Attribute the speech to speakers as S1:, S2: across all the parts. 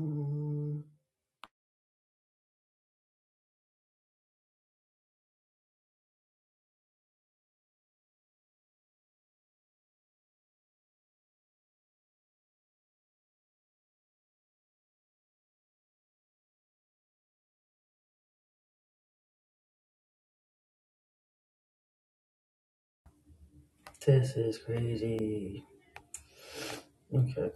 S1: Mm, This is crazy. Okay.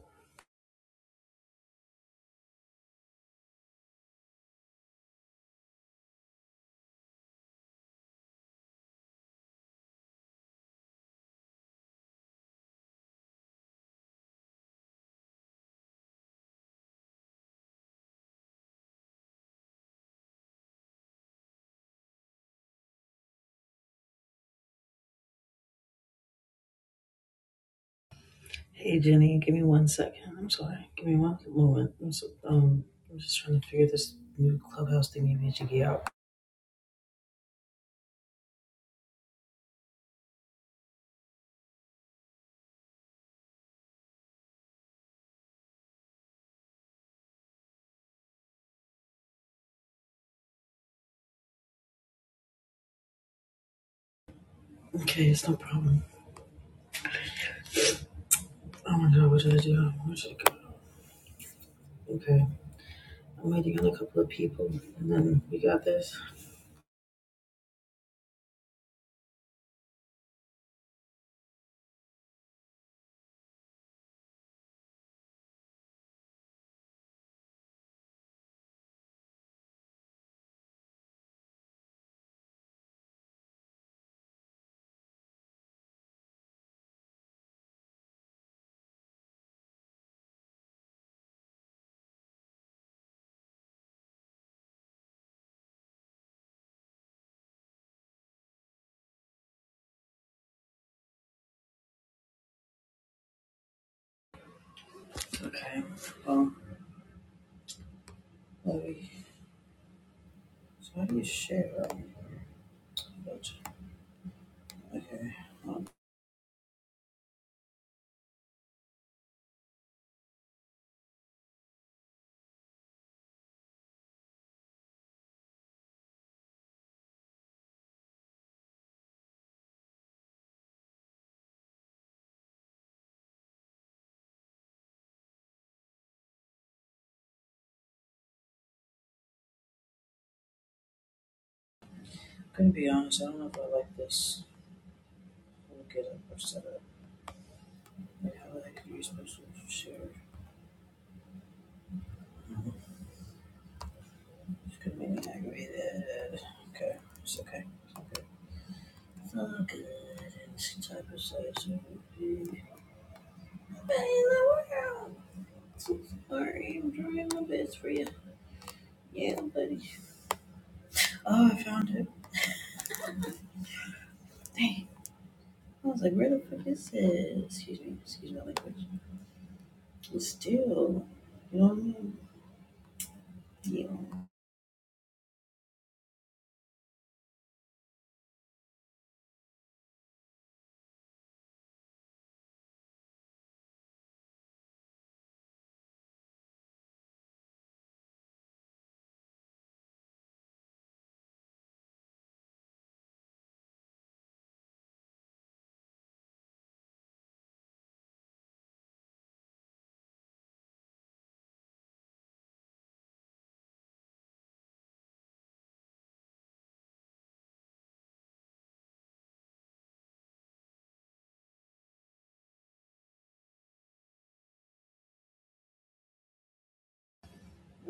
S1: Hey Jenny, give me one second. I'm sorry. Give me one moment. I'm so, um, I'm just trying to figure this new clubhouse thingy majiggy out. Okay, it's no problem. Oh my god, what did I do? Where should I go? Okay. I'm waiting on a couple of people, and then we got this. Okay. Well, let me. So how do you share? um, Okay. I'm gonna be honest. I don't know if I like this. We'll get up or set up. Like how the heck are you supposed to share? Could make me aggravated. Okay, it's okay. It's all good. It's type of size it would be. But in the world. So sorry, I'm trying my best for you. Yeah, buddy. Oh, I found it. Dang. I was like, where the fuck is it? Excuse me. Excuse my language. It's still. You know what I mean? Yeah.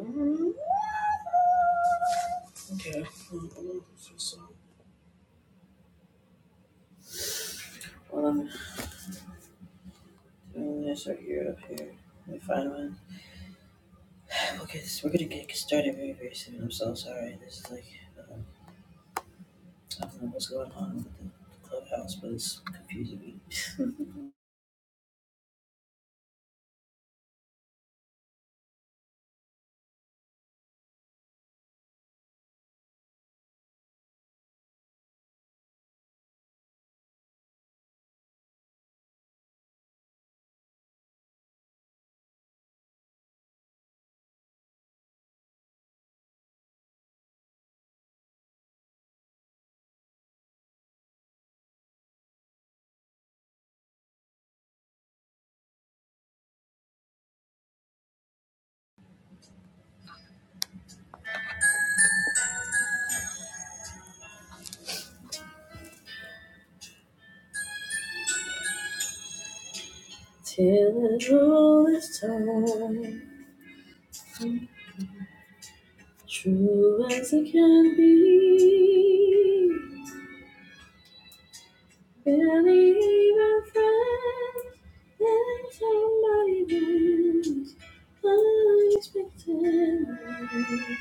S1: hmm Okay. Mm, mm, so- so- Hold on. So, I'm gonna start here up here. Let me find one. Um, okay, this, we're gonna get started very, very soon. I'm so sorry. This is like, um, I don't know what's going on with the the clubhouse, but it's confusing me. Till it all is time, true as it can be. Barely even friends, then somebody went unexpectedly.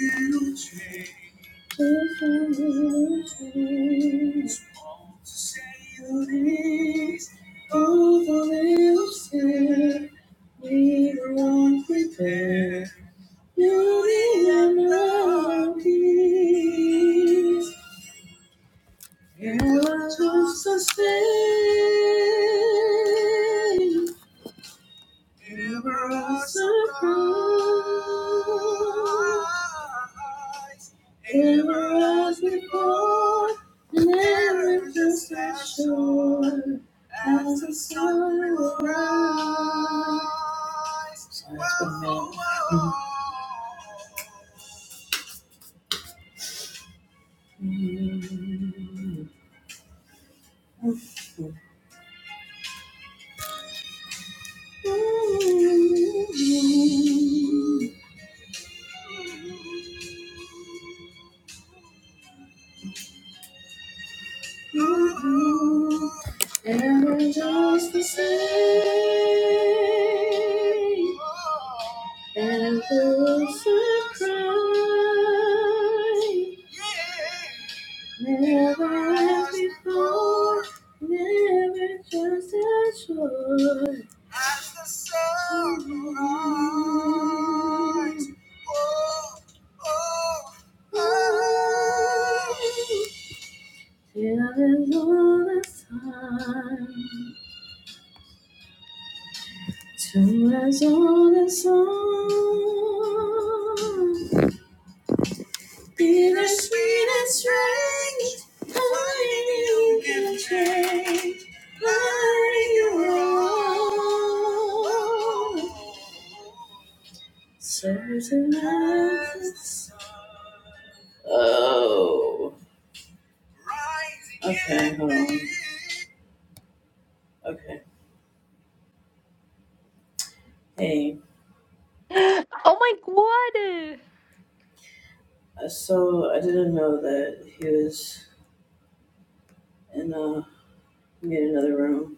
S1: Little change. Little change. Want to say your names, all the least. Both a little scared. Neither one prepared. Beauty and love peace. Yeah, just the same. Never a surprise. Ever as before, never just as sure as the sun will rise. Sorry, it's been a minute. Mhm. And we're just the same. And those who cry never as before. Never as the sun rises. Oh, oh, oh. In the sweet Learning you can change. Learning you're wrong. Serves and loves. Oh. Okay, hold on. Okay. Hey,
S2: Oh my god!
S1: uh, so I didn't know that he was in uh made another room.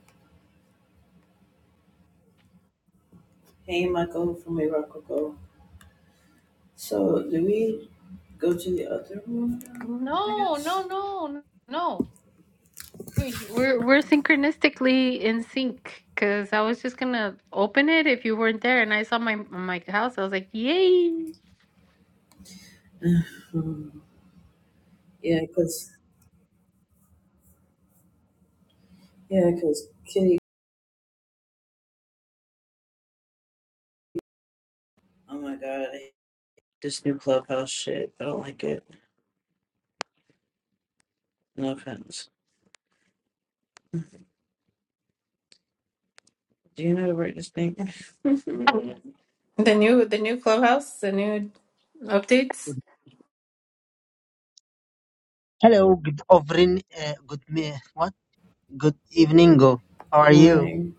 S1: Hey, Michael from Iraqogo. So do we go to the other room? now, I
S2: No, no,
S1: guess.
S2: no, no. We- We're we're synchronistically in sync because I was just gonna open it if you weren't there, and I saw my my house. I was like, yay!
S1: Yeah, cause yeah, cause Kitty. Oh my god, I hate this new clubhouse shit. I don't like it. No offense. Do you know how to work this thing? Good
S2: The new the new clubhouse, the new updates.
S3: Hello, good evening. Uh, good me. What? Good evening. Go. How are you?
S1: morning.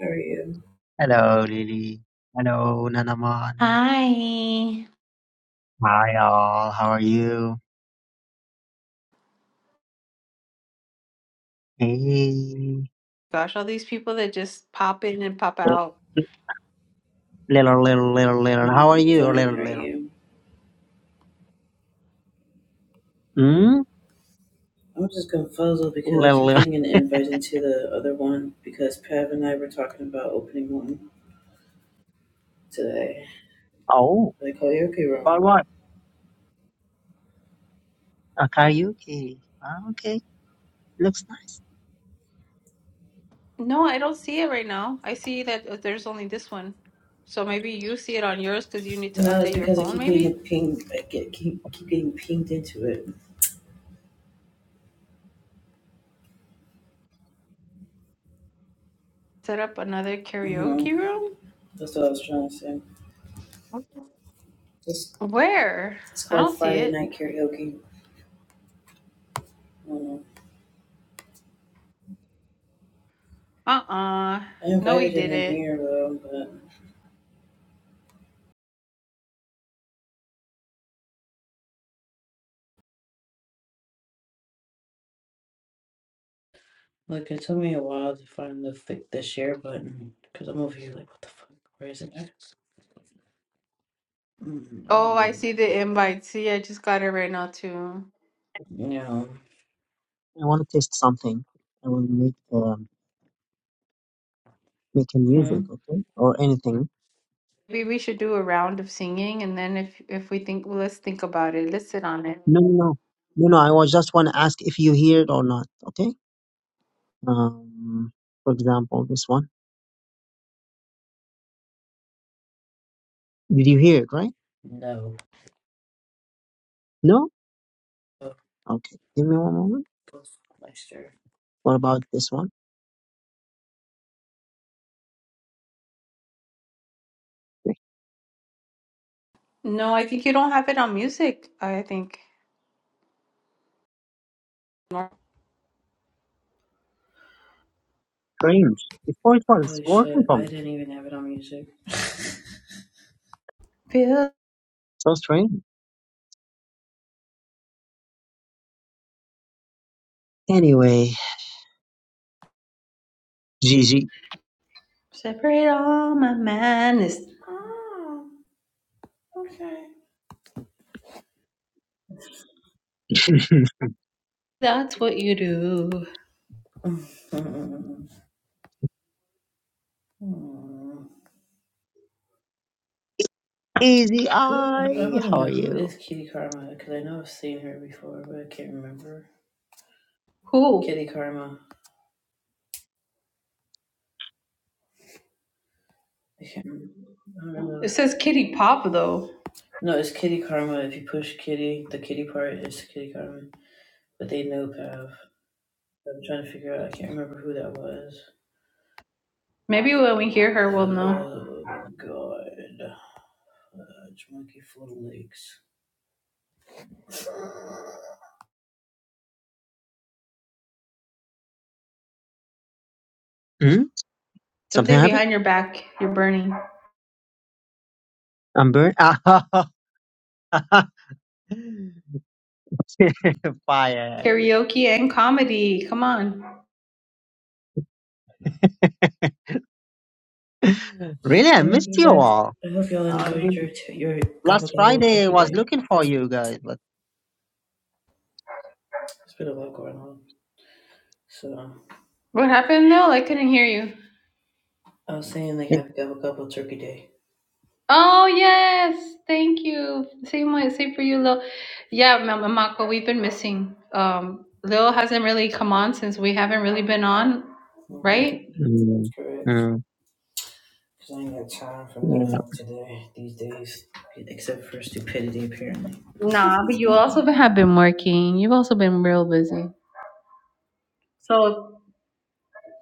S1: How are you?
S3: Hello, Lily. Hello, Nanaman.
S2: Hi.
S3: Hi, all. How are you? Hey.
S2: Gosh, all these people that just pop in and pop out.
S3: Little, little, little, little. How are
S1: Mm,
S3: you?
S1: fine. How
S3: Little,
S1: are
S3: little.
S1: you?
S3: Hmm?
S1: I'm just confuzzled because I
S3: Little,
S1: keep
S3: little.
S1: getting an invite into the other one because Pav and I were talking about opening one today,
S3: Oh.
S1: the karaoke
S3: About
S1: room.
S3: what? A karaoke. Ah, okay. Looks nice.
S2: No, I don't see it right now. I see that uh, there's only this one. So maybe you see it on yours because you need to
S1: No, it's
S2: update your
S1: because I
S2: phone,
S1: keep getting a
S2: maybe?
S1: ping. I get keep keep getting pinged into it.
S2: set up another karaoke
S1: Mm-hmm.
S2: room?
S1: That's what I was trying to say. Just
S2: Where?
S1: It's
S2: I
S1: called
S2: don't see
S1: Friday
S2: it.
S1: Night Karaoke. I don't know.
S2: Uh-uh.
S1: I
S2: No, we
S1: invited him in
S2: didn't.
S1: here though, but look, it took me a while to find the fi- the share button because I'm over here like, what the fuck? Where is it?
S2: Oh, I see the invite. See, I just got it right now too.
S1: No.
S3: I want to taste something. I want to make, um, making
S1: Hmm.
S3: music, okay? Or anything.
S2: Maybe we should do a round of singing and then if if we think well, let's think about it. Let's sit on it.
S3: No, no, no. No, no. I was just want to ask if you hear it or not, okay? Um, for example, this one. Did you hear it, right?
S1: No.
S3: No?
S1: Oh,
S3: Okay. Give me one moment.
S1: go fuck my share.
S3: What about this one?
S2: No, I think you don't have it on music, I think.
S3: Strange. Before it was
S1: Holy
S3: working
S1: shit!
S3: for
S1: I
S3: me.
S1: didn't even have it on music.
S2: Feel
S3: So strange. Anyway, Gigi.
S2: separate all my madness. That's what you do.
S1: Hmm.
S3: Easy
S1: Who? I
S3: Eye,
S1: want to
S3: how are
S1: know who
S3: you?
S1: is Kitty Karma because I know I've seen her before, but I can't remember.
S2: Who?
S1: Kitty Karma. I can't remember.
S2: It says Kitty Pop though.
S1: No, it's kitty karma. If you push kitty, the kitty part is kitty karma. But they know Pav. I'm trying to figure out. I can't remember who that was.
S2: Maybe when we hear her we'll know.
S1: Oh my god. It's Monkey Full of Lakes.
S3: Hmm? Something
S2: Something
S3: happened?
S2: behind your back, you're burning.
S3: I'm burnt. Fire.
S2: Karaoke and comedy. Come on.
S3: Really, I
S1: I hope
S3: missed
S1: you
S3: you
S1: guys,
S3: all.
S1: I hope y'all
S3: I
S1: enjoyed
S3: mean,
S1: your t- your gobble
S3: last
S1: gobble
S3: Friday I
S1: turkey
S3: was
S1: day.
S3: looking for you guys, but
S1: It's been a lot going on. So,
S2: What happened, Lil? I couldn't hear you.
S1: I was saying like
S3: it,
S1: happy gobble gobble turkey day.
S2: Oh yes, thank you. Same way, same for you, Lil. Yeah, Mama Makwa, we've been missing. Um, Lil hasn't really come on since we haven't really been on,
S1: Mm-hmm.
S2: right?
S3: mm,
S1: Correct.
S3: mm,
S1: Because I ain't got time for
S3: yeah.
S1: nothing today, these days. Except for stupidity, apparently.
S2: Nah, but you also have been working. You've also been real busy. So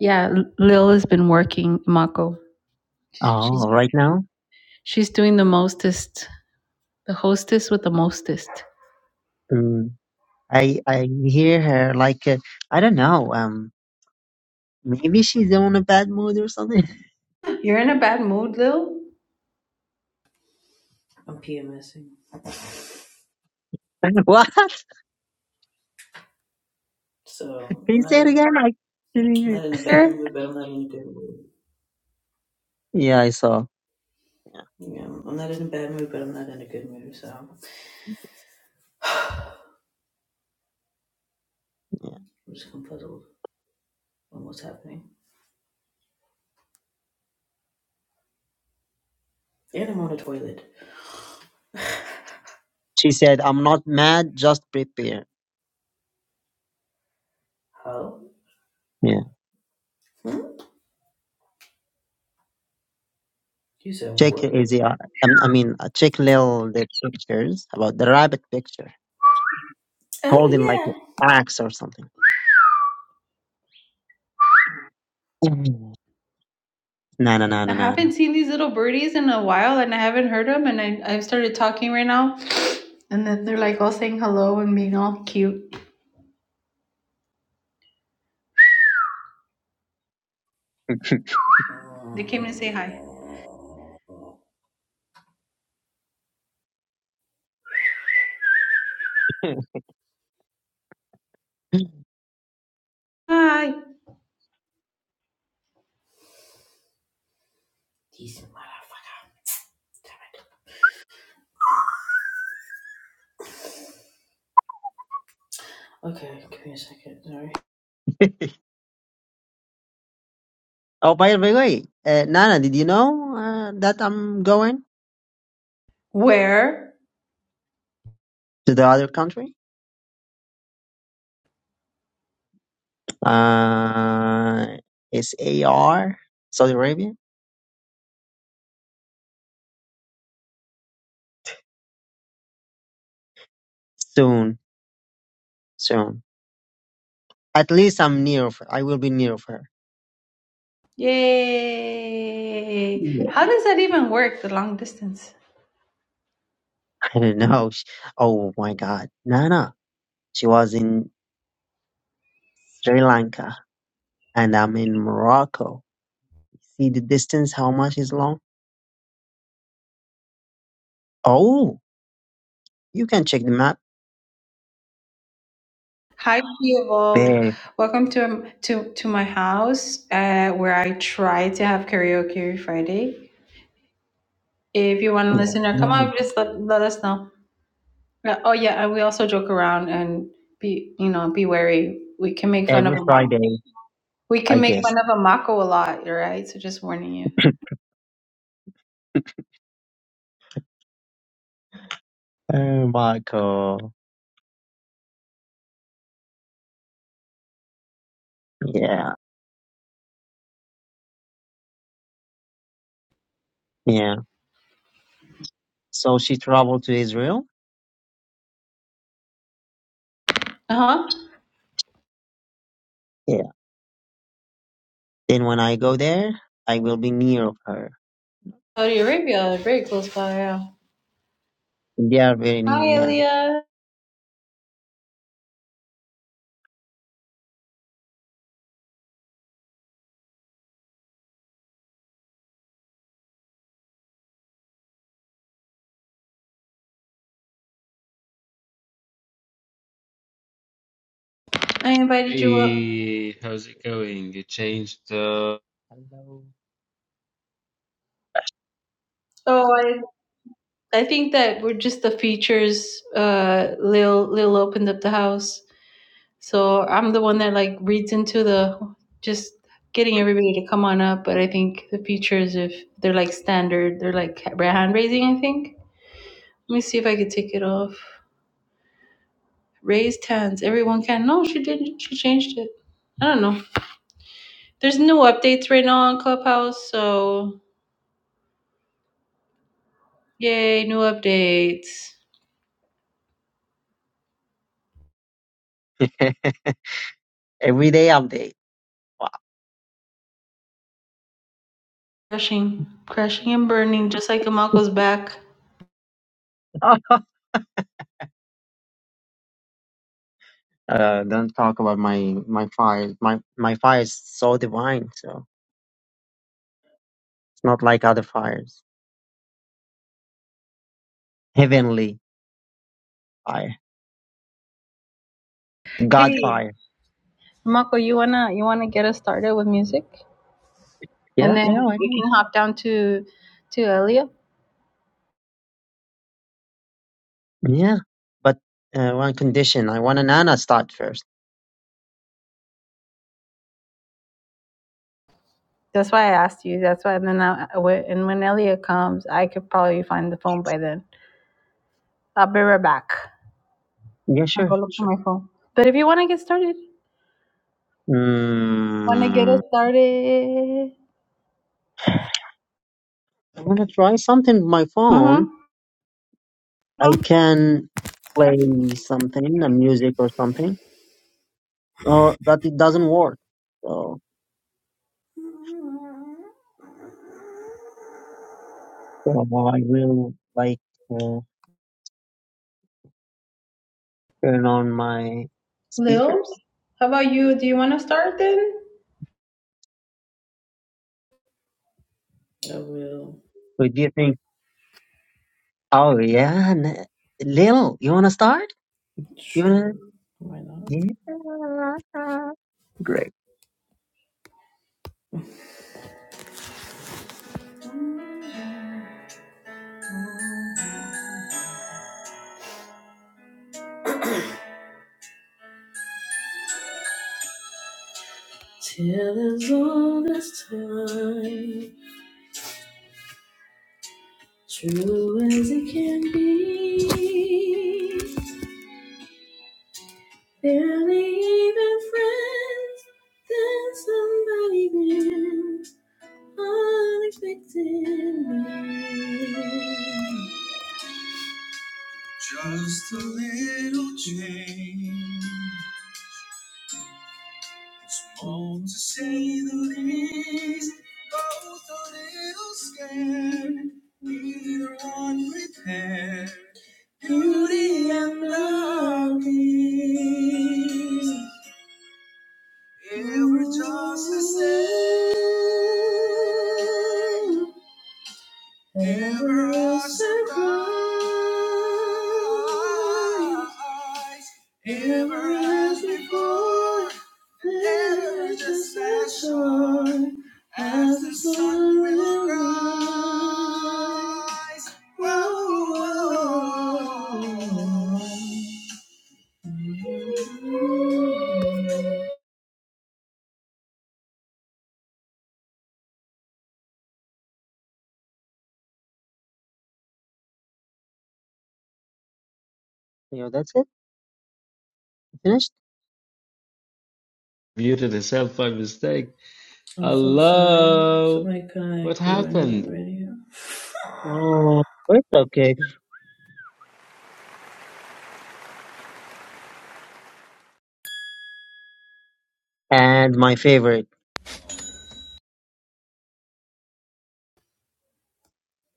S2: yeah, Lil has been working, Mako. She's
S3: Oh, right now?
S2: she's doing the mostest. The hostess with the mostest.
S3: Hmm. I I hear her like uh, I don't know. Um, maybe she's on a bad mood or something.
S2: You're in a bad mood, Lil.
S1: I'm PMSing.
S3: what?
S1: So
S3: Can
S1: I'm
S3: you
S1: not,
S3: say it
S1: I'm
S3: again? I didn't hear.
S1: not in a bad
S2: Sure.
S1: mood, but I'm not in a good mood.
S3: Yeah, I saw. Yeah,
S1: Yeah, I'm not in a bad mood, but I'm not in a good mood. So I'm
S3: yeah.
S1: just kind on what's happening. And I'm on the toilet.
S3: She said, "I'm not mad. Just prepare."
S1: How?
S3: Yeah.
S1: Hmm? You said
S3: Check
S1: what? the-
S3: easy. I, I mean, uh, check little the pictures about the rabbit picture
S1: Oh
S3: holding like an
S1: yeah.
S3: axe or something. Mhm. No, no, no,
S2: I
S3: no, no,
S2: haven't seen these little birdies in a while and I haven't heard them. And I, I've started talking right now. And then they're like all saying hello and being all cute. They came to say hi.
S3: no.
S2: Hi.
S1: Decent motherfucker. Damn it. Okay, give me a second. Sorry.
S3: oh, by the way, uh, Nana, did you know uh, that I'm going
S2: Where?
S3: to the other country? Uh, is AR Saudi Arabia soon? Soon. At least I'm near of her. I will be near of her.
S2: Yay.
S3: Yeah.
S2: How does that even work, the long distance?
S3: I don't know. She- Oh my God, Nana. She was in Sri Lanka, and I'm in Morocco. See the distance? How much is long? Oh, you can check the map.
S2: Hi, Evolve.
S3: There.
S2: Welcome to to to my house, uh, where I try to have karaoke every Friday. If you want to
S3: Yeah.
S2: listen or come
S3: Mm.
S2: up, just let, let us know. Uh, Oh yeah, and we also joke around and be you know be wary. We can make fun of
S3: Every
S2: a mock.
S3: Friday,
S2: We
S3: I
S2: can make
S3: guess.
S2: fun of a mako a lot, all right? So just warning you.
S3: Oh, Morocco. Yeah. Yeah. So she traveled to Israel.
S2: Uh huh.
S3: Then when I go there, I will be near of her.
S2: Saudi Arabia, very close by. Yeah.
S3: They are very
S2: Hi,
S3: near, yeah.
S2: Elia. I invited you up.
S4: Hey, how's it going? You changed, uh,
S3: Hello.
S2: Oh, I I think that we're just the features. Uh, Lil Lil opened up the house. So I'm the one that like reads into the just getting everybody to come on up. But I think the features, if they're like standard, they're like ra- hand raising. I think. Let me see if I could take it off. Raised hands. Everyone can. No, she didn't. She changed it. I don't know. There's new updates right now on Clubhouse. So yay, new updates.
S3: Every day update.
S2: Crashing, crashing and burning, just like Amako's back.
S3: Wow. uh, don't talk about my my fire. My my fire is so divine. So it's not like other fires. Heavenly fire, God
S2: Hey,
S3: fire.
S2: Amako, you wanna you wanna get us started with music?
S3: Yeah,
S2: and then
S3: yeah, I
S2: we
S3: know.
S2: can hop down to to Elia.
S3: Yeah, but uh, one condition. I want an Anna start first.
S2: That's why I asked you. That's why. And then I, I went- and when Elia comes, I could probably find the phone by then. I'll be right back.
S3: Yeah,
S2: I'll
S3: sure,
S2: go look for
S3: sure.
S2: my phone. But if you want to get started, want to get
S3: Mm,
S2: us started?
S3: I'm gonna try something with my phone.
S2: Mm-hmm.
S3: I
S2: hmm
S3: can play something, a music or something, or but it doesn't work. So, so I will like uh, turn on my
S2: Lil,
S3: speakers.
S2: how about you? Do you want to start then?
S1: I will.
S3: So do you think? Oh yeah, n- Lil, you wanna start? You
S1: Sure.
S3: wanna?
S1: Why not?
S3: Yeah, great.
S1: Till there's all this time. True as it can be, barely even friends. Then somebody bent unexpectedly. Just a little change, all to say the least. Both a little scared, neither one prepared. Beauty and lovely. Ever just the same. Ever a surprise. Ever as before. Ever just as sure. As the sun will rise. Whoa, whoa, whoa.
S3: Yeah, that's it. Finished.
S4: muted itself by mistake.
S1: I'm so sorry.
S4: Hello,
S1: Somebody kind
S4: what
S1: of ruined me
S4: happened?
S1: right here.
S3: Oh, it's okay. And my favorite,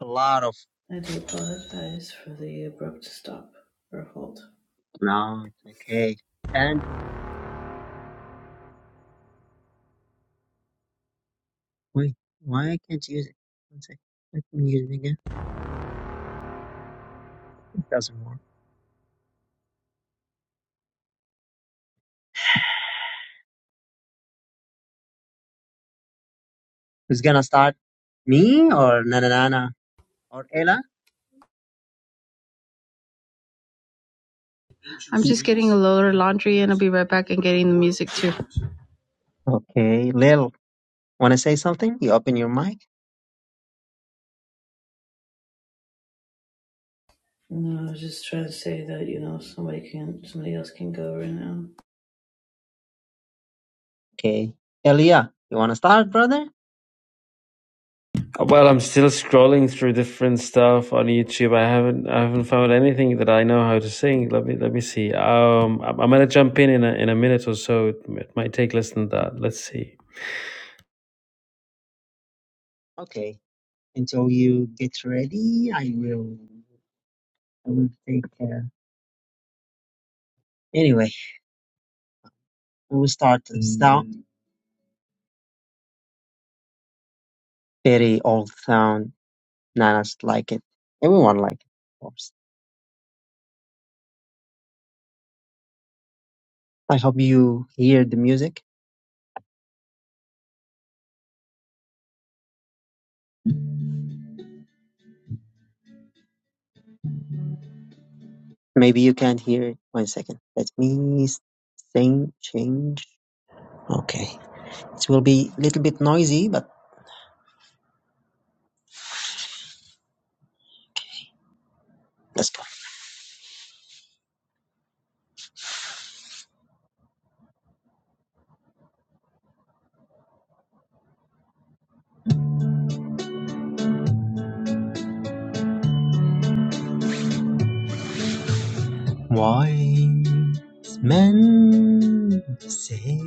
S3: a lot of
S1: I do apologize for the abrupt stop or halt.
S3: no, it's okay. And wait, why I can't use it? One sec. Let me use it again. Doesn't work. Who's gonna start? Me or Nana Nana or Ella?
S2: I'm just getting a load of laundry, and I'll be right back and getting the music too.
S3: Okay, Lil, wanna say something? You open your mic.
S1: No, I was just trying to say that you know somebody can, somebody else can go right now.
S3: Okay, Elia, you wanna start, brother?
S4: Well, I'm still scrolling through different stuff on YouTube. I haven't, I haven't found anything that I know how to sing. Let me, let me see. Um, I'm, I'm gonna jump in in a, in a minute or so. It, it might take less than that. Let's see.
S3: Okay. Until you get ready, I will. I will take. Uh, anyway, we will start the sound. Very old sound. Nanas like it. Everyone like it, of course. I hope you hear the music. Maybe you can't hear it. One second. Let me s- sing change. Okay. It will be a little bit noisy, but let's go. Wise men say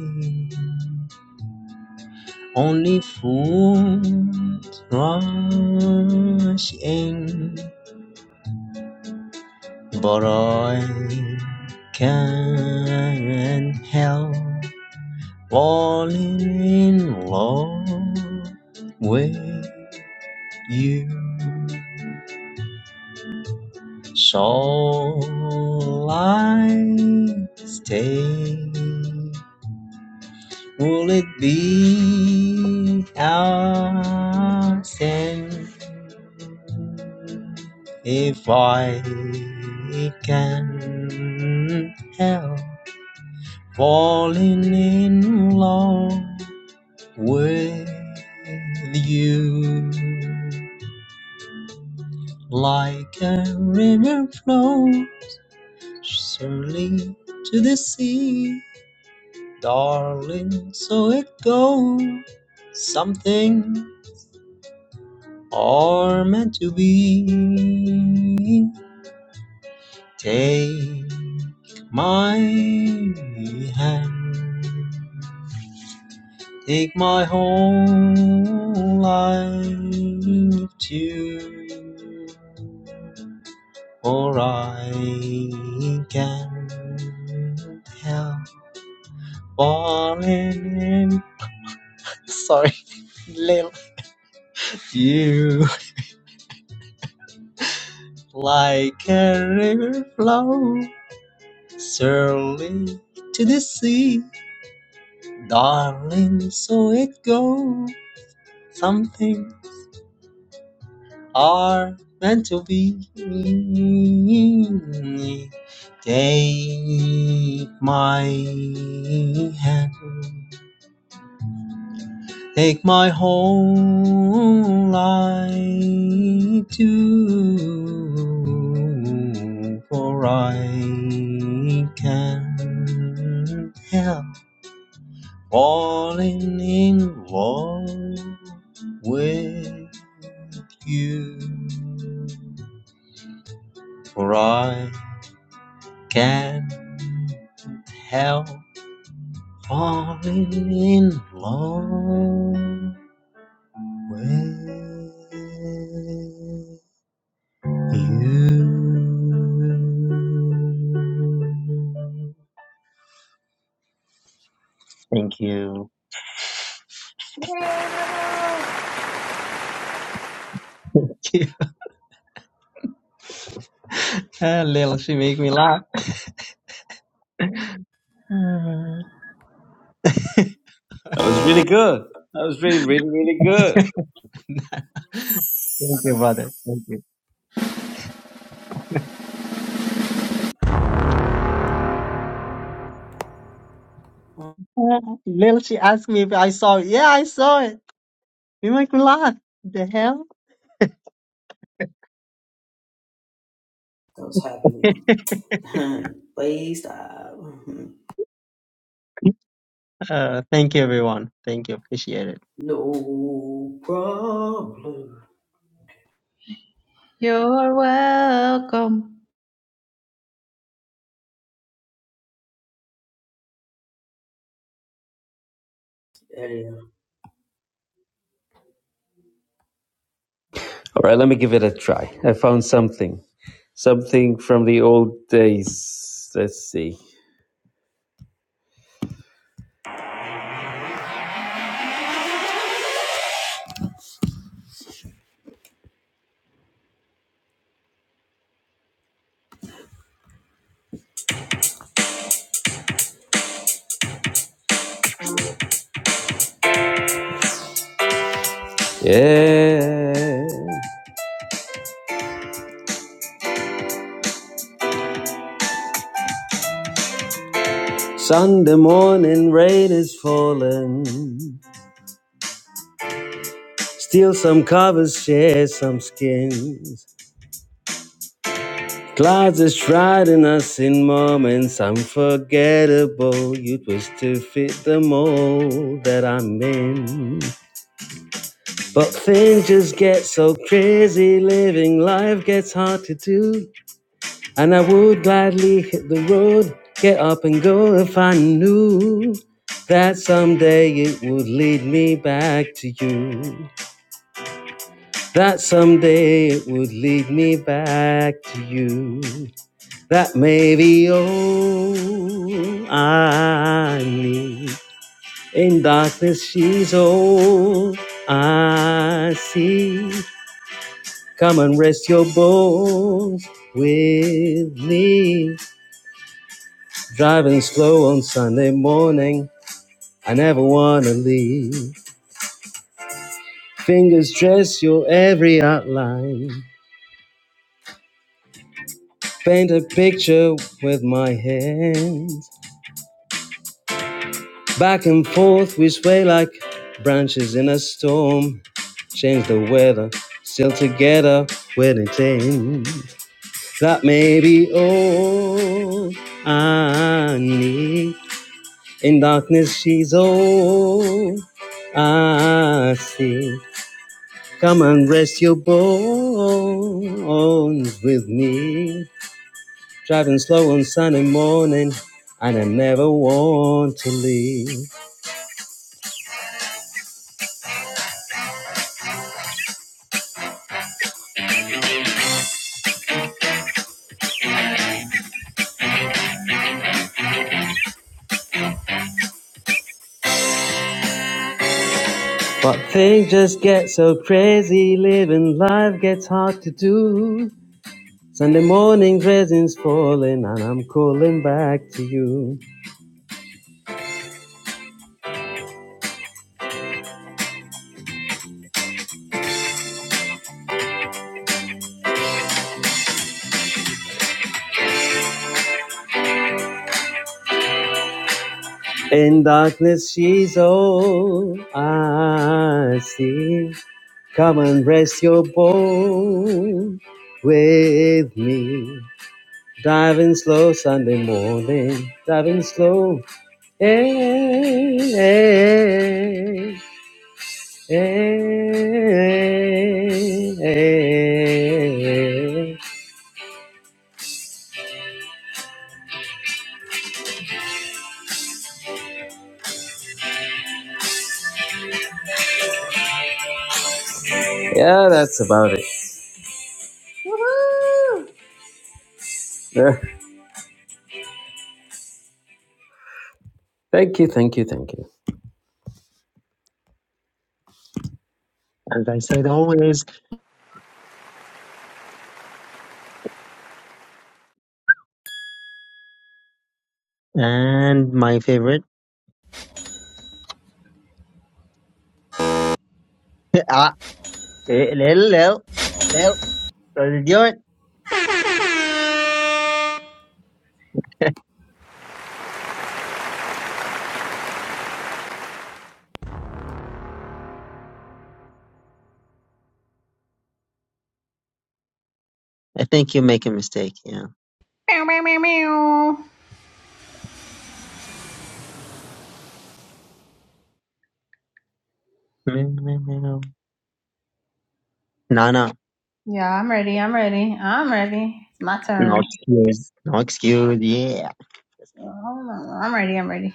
S3: only fools rush in, but I can't help falling in love with you. So I stay Will it be our sin if I can help falling in love with you? Like a river flows slowly to the sea, darling, so it goes. Something are meant to be. Take my hand, take my whole life too, for I can't help falling in. Sorry, little you like a river flow. Surely to the sea, darling, so it goes. Something are meant to be. Take my hand, take my whole life too, for I can not help falling in love with you. For I can't help falling in love with you. Thank you.
S2: Yeah,
S3: Ah, Lil, she make me laugh. Ah,
S4: That was really good. That was really, really, really good.
S3: Thank you, brother. Thank you. Ah, Lil, she asked me if I saw it. Yeah, I saw it. You make me laugh. The hell?
S1: What's happening? Please stop.
S3: Uh, thank you, everyone. Thank you. Appreciate it.
S1: No problem.
S2: You're welcome.
S1: There you
S4: All right, let me give it a try. I found something, something from the old days. Let's see. Yeah, Sunday morning rain is falling. Steal some covers, share some skins. Clouds is shrouding us in moments unforgettable. You twist to fit the mold that I'm in. But things just get so crazy, living life gets hard to do. And I would gladly hit the road, get up and go if I knew that someday it would lead me back to you. That someday it would lead me back to you. That may be all I need. In darkness, she's all I see. Come and rest your bones with me. Driving slow on Sunday morning, I never wanna leave. Fingers trace your every outline. Paint a picture with my hands. Back and forth we sway like branches in a storm. Change the weather, still together when it ends. That may be all I need. In darkness she's all I see. Come and rest your bones with me. Driving slow on Sunday morning, and I never want to leave. But things just get so crazy, living life gets hard to do. Sunday morning resin's falling, and I'm calling back to you. In darkness, she's all I see. Come and rest your bones with me. Driving slow Sunday morning, driving slow. Hey, hey, hey, hey. hey. Yeah, that's about it.
S2: Woohoo!
S4: thank you, thank you, thank you.
S3: As I said always, and my favorite. ah, eh, little, little, little. Don't you do it. I think you make a mistake. Yeah.
S2: Meow, meow, meow, meow.
S3: No, no.
S2: Yeah, I'm ready. I'm ready. I'm ready. It's my
S3: No
S2: turn.
S3: excuse. No excuse. Yeah.
S2: I'm ready. I'm ready.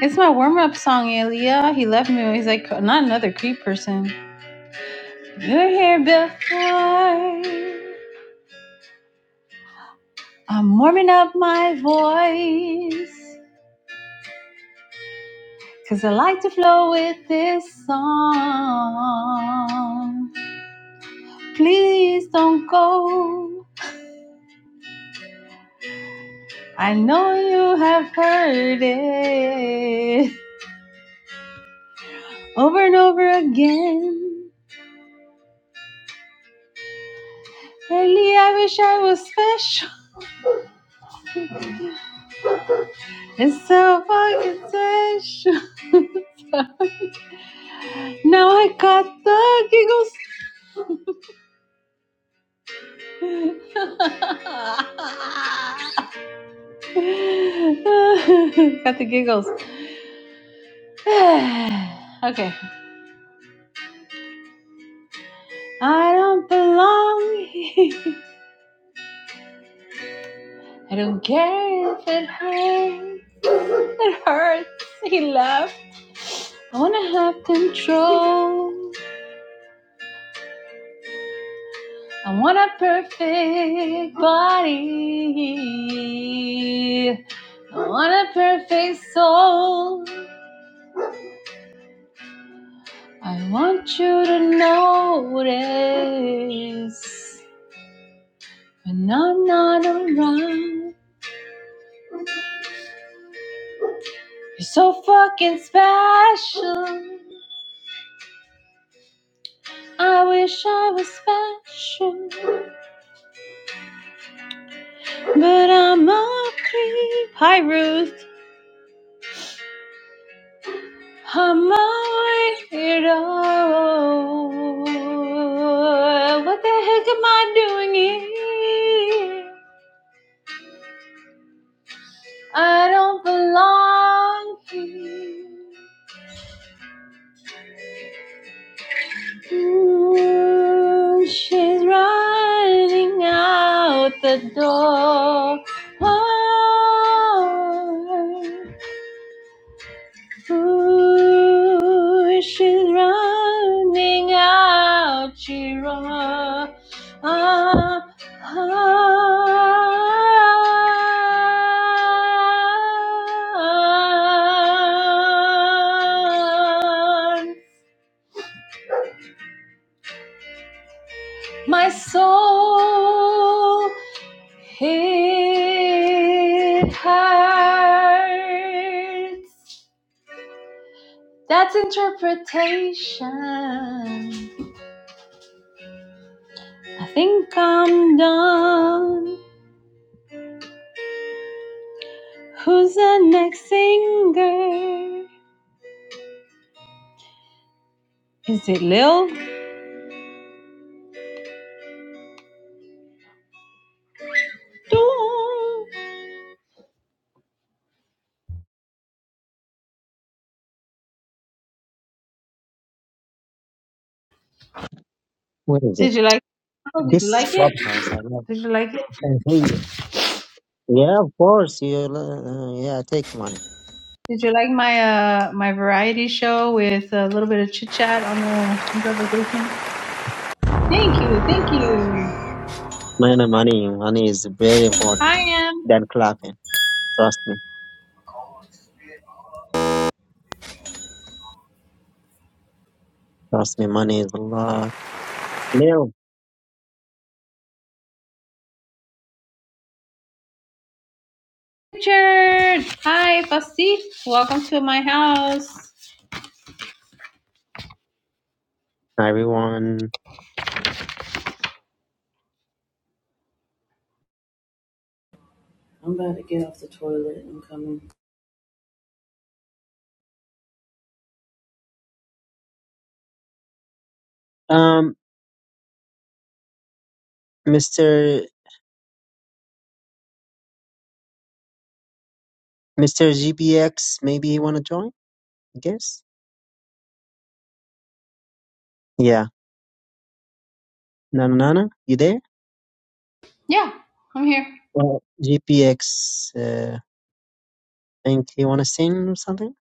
S2: It's my warm up song, Elia. He left me. He's like, not another creep person. You're here before. I'm warming up my voice. Cause I like to flow with this song. Please don't go. I know you have heard it over and over again. Really, I wish I was special. It's so fucking special. now I got the giggles. got the giggles. okay. I don't belong here. I don't care if it hurts. It hurts. He laughed. I wanna have control. I want a perfect body. I want a perfect soul. I want you to notice when I'm not around. You're so fucking special. I wish I was special, but I'm a creep. Hi, Ruth. My hero. What the heck am I doing here? I don't belong here. Ooh, she's running out the door. Oh, Ooh, she's running out, she run. Ah, ah. My soul, it hurts. That's interpretation. I think I'm done. Who's the next singer? Is it Lil Dawn?
S3: What is it?
S2: Did you like? Oh, did you
S3: This
S2: like it?
S3: clubhouse. I love.
S2: Did you like it?
S3: I hate it. Yeah, of course. You. Uh, yeah, take money.
S2: Did you like my uh my variety show with a little bit of chit chat on the improvisation? Thank you, thank you.
S3: Money, money, money is very important
S2: Hi, Em.
S3: than clapping. Trust me. Trust me. Money is a lot. Hello,
S2: Richard. Hi, Basti. Welcome to my house.
S3: hi everyone.
S1: go. I'm about to get off the toilet. I'm coming.
S3: Um, Mr. Mr. GPX, maybe you want to join? I guess. Yeah. Nana, Nana, you there?
S2: Yeah, I'm here.
S3: Well, GPX, uh, think you want to sing or something?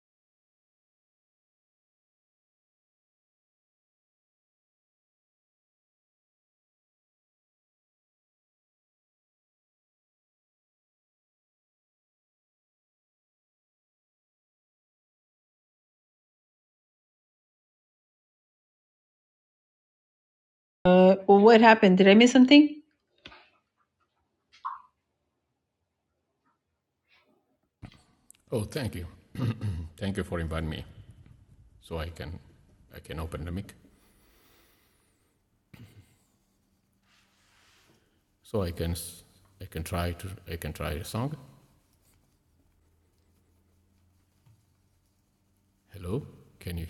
S2: Uh, well, what happened? Did I miss something?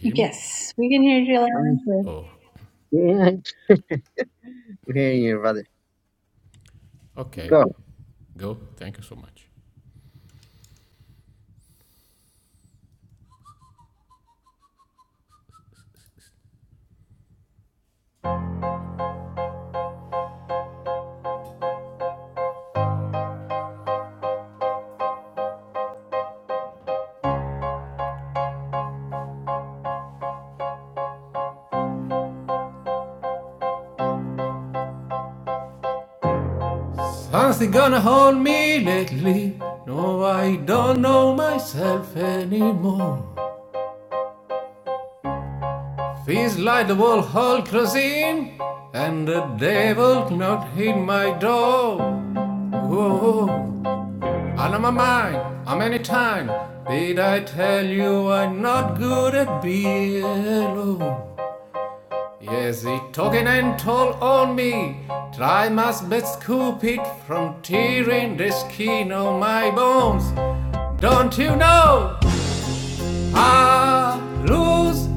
S2: Yes, we can hear you loud and
S3: Um,
S2: clear.
S3: yeah, I can hear you, brother. Go.
S5: Something gonna hold me lately. No, I don't know myself anymore. Feels like the wall hall closing, and the devil knocked hit my door. Whoa, out of my mind, how many times did I tell you I'm not good at being alone? Yes, he talking and told on me. Try must but scoop it from tearing the skin on my bones. Don't you know I lose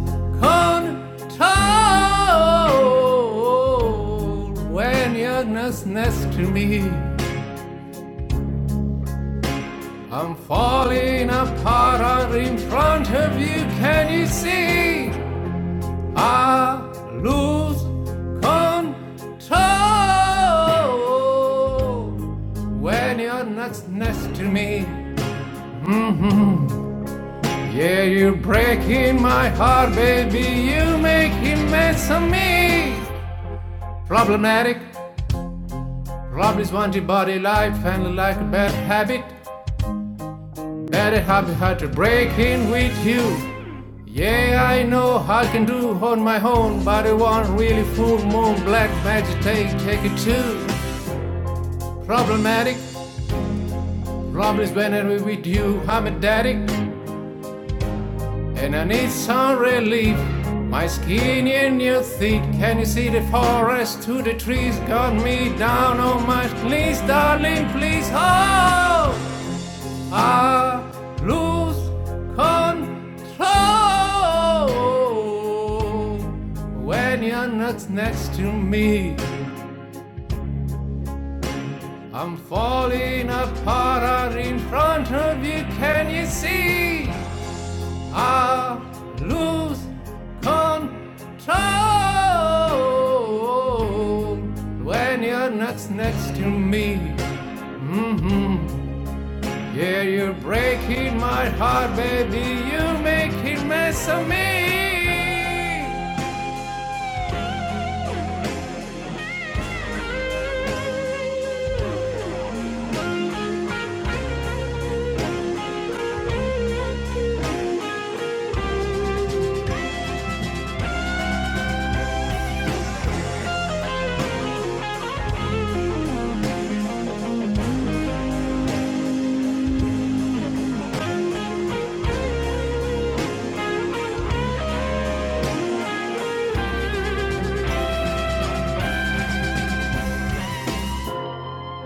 S5: control when you're next to me? I'm falling apart in front of you. Can you see? I lose control when you're not next to me. Yeah, you're breaking my heart, baby. You make him mess of me. Problematic. Problems want your body life and like a bad habit. Bad habit hard to break in with you. Yeah, I know I can do on my own, but I want really full moon black magic take, take it too. Problematic. problems is when I'm with you. I'm a daddy, and I need some relief. My skin in your teeth. Can you see the forest to the trees? Got me down on my knees, darling. Please, oh, I lose control when you're not next to me. I'm falling apart out in front of you. Can you see? I lose control when you're not next to me. hmm Yeah, you're breaking my heart, baby. You're making mess of me.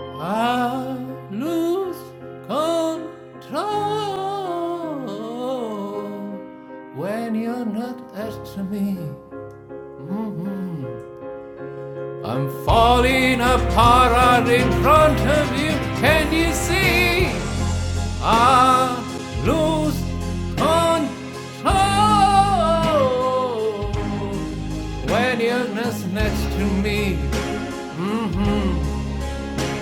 S5: I lose control when you're not next to me. Mhm. I'm falling apart in front of you. Can you see? I lose control when you're just next to me. Mm-hmm.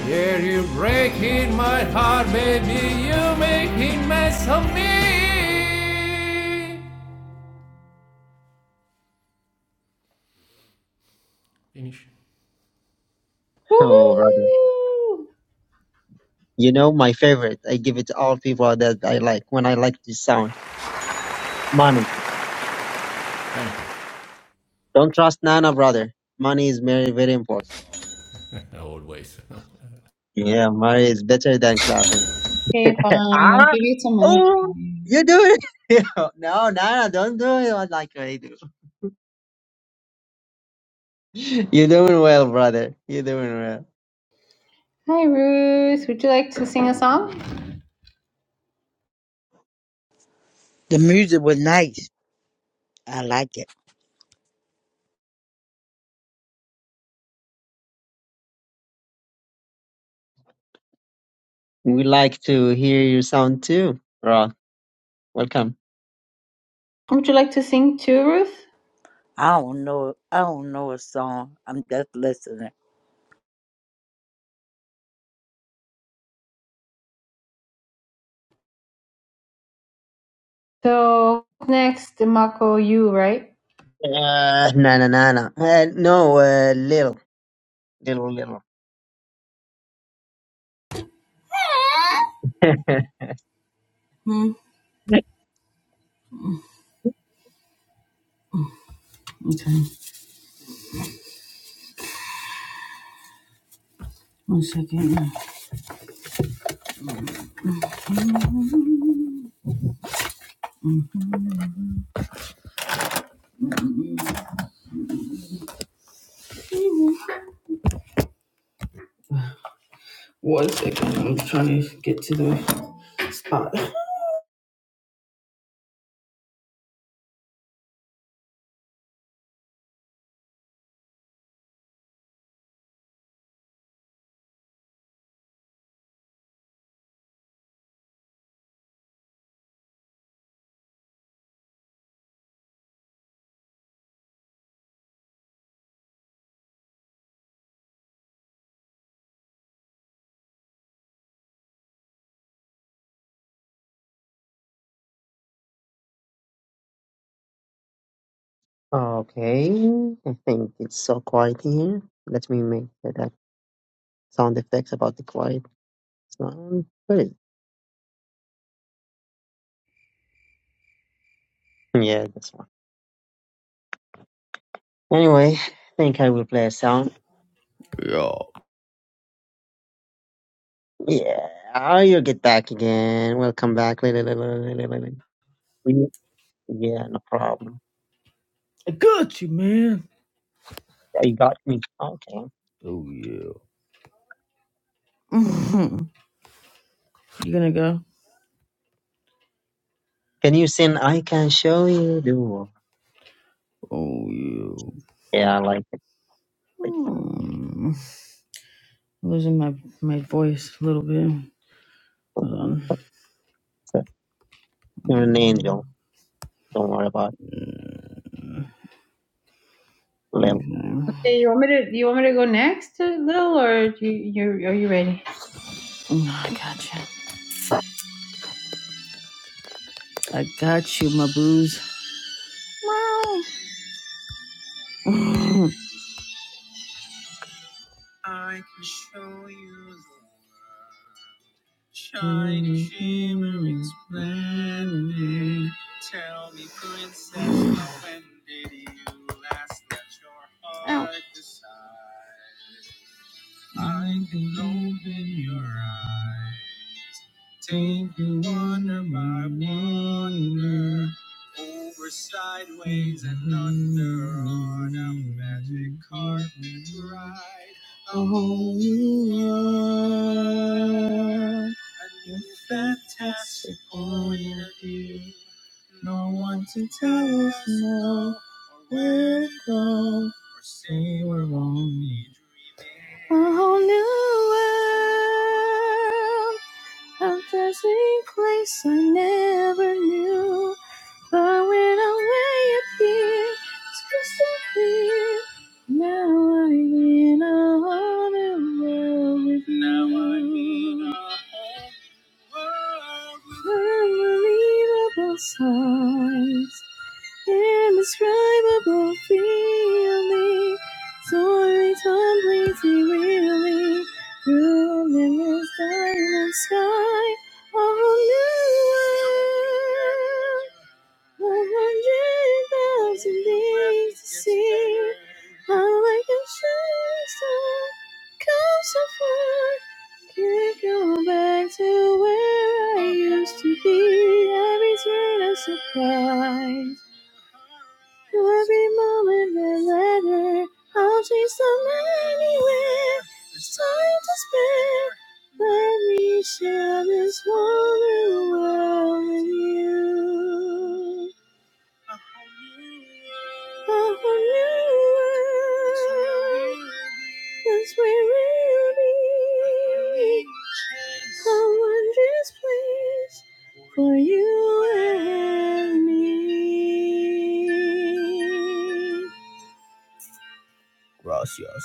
S5: Yeah, you're breaking my heart, baby. You're making mess of me.
S3: Oh, brother.
S2: Woohoo!
S3: You know my favorite. I give it to all people that I like when I like this sound. Money. Don't trust Nana, brother. Money is very, very important. Yeah, money is better than clapping.
S2: Okay, fine. I'll
S3: Ah,
S2: give you some money.
S3: oh,
S2: Fine.
S3: you do it. no, no, don't do it what like I do. You're doing well, brother. You're doing well.
S2: Hi, Ruth. Would you like to sing a song?
S6: The music was nice. I like it.
S3: We like to hear your sound too, bro. Welcome.
S2: Would you like to sing too, Ruth?
S6: I don't know. I don't know a song. I'm just listening.
S2: So next, Mako, you right?
S3: Uh, na na na na. Uh, no, uh, little, little, little. okay,
S1: Hmm. Okay. One second. One second. I'm trying to get to the spot.
S3: I think it's so quiet here. Let me make that sound effects about the quiet sound. What is? it? Yeah, this one. Anyway, I think I will play a sound. Yeah, ah, you get back again. Welcome back. Wait, wait, wait, wait, wait, wait, wait. We- Yeah, no problem.
S1: I got you, man.
S3: Yeah, You got me. Okay.
S1: Oh yeah. You gonna go?
S3: Can you sing I Can Show You the World?
S1: Oh yeah.
S3: Yeah, I like it. Like,
S1: Hmm. I'm losing my my voice a little bit. Hold on.
S3: so, You're an angel. Don't worry about Lil.
S1: Okay. Mm,
S2: Okay, you want me to? You want me to go next, uh, Lil, or do you, you? Are you ready?
S1: I got you. I got you, my booze. I can show you the shiny shimmering splendor. Tell me, princess, when did you last let your heart decide? I can open your eyes, take you under my wonder, over sideways and under on a magic carpet ride. A whole new world, a new fantastic point of view. No one to tell us no, or where to go, or say we're only dreaming new world, a dazzling place I never knew. But when I way up here, it's crystal clear. Now I'm in a whole new world with you. Unbelievable sights, indescribable feeling, soaring, completely reeling through endless diamond sky of a new world. One hundred thousand things to see. I'm like a shooting star, come so far. Can't go back to where I used to be. Every turn a surprise. Every moment that letter, I'll chase them anywhere. There's time to spare. Let me share this wonder world with you. A whole new world. That's where we'll be. A wondrous place for you and me. Gracias.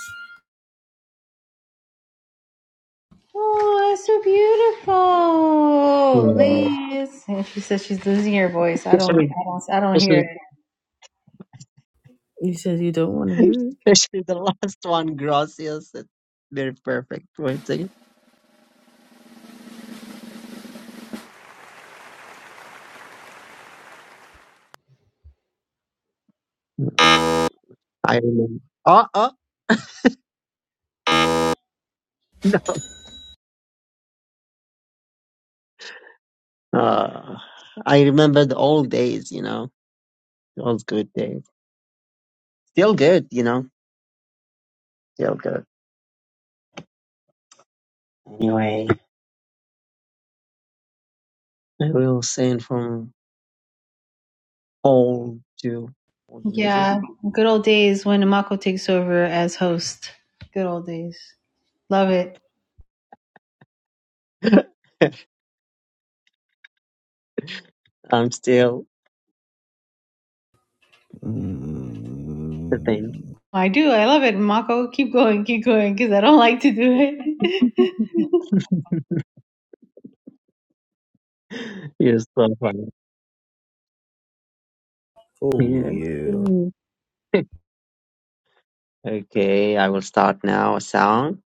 S2: Oh, that's so beautiful,
S3: Yeah.
S2: Liz. And she says she's losing her voice. I don't.
S3: Especially,
S2: I don't. I don't hear
S3: especially,
S2: it.
S1: You said you don't want to hear it.
S3: especially the last one, Gracias. It's very perfect. Wait a second. I remember. Uh, uh, uh, I remember the old days, you know, the old good days. Still good, you know, still good. Anyway, I will sing from old to old music.
S2: Yeah, good old days when Mako takes over as host. Good old days. Love it.
S3: I'm still the same.
S2: I do. I love it, Mako. Keep going, keep going, because I don't like to do it.
S3: You're so funny. Yeah. Mm. Okay, I will start now. A song,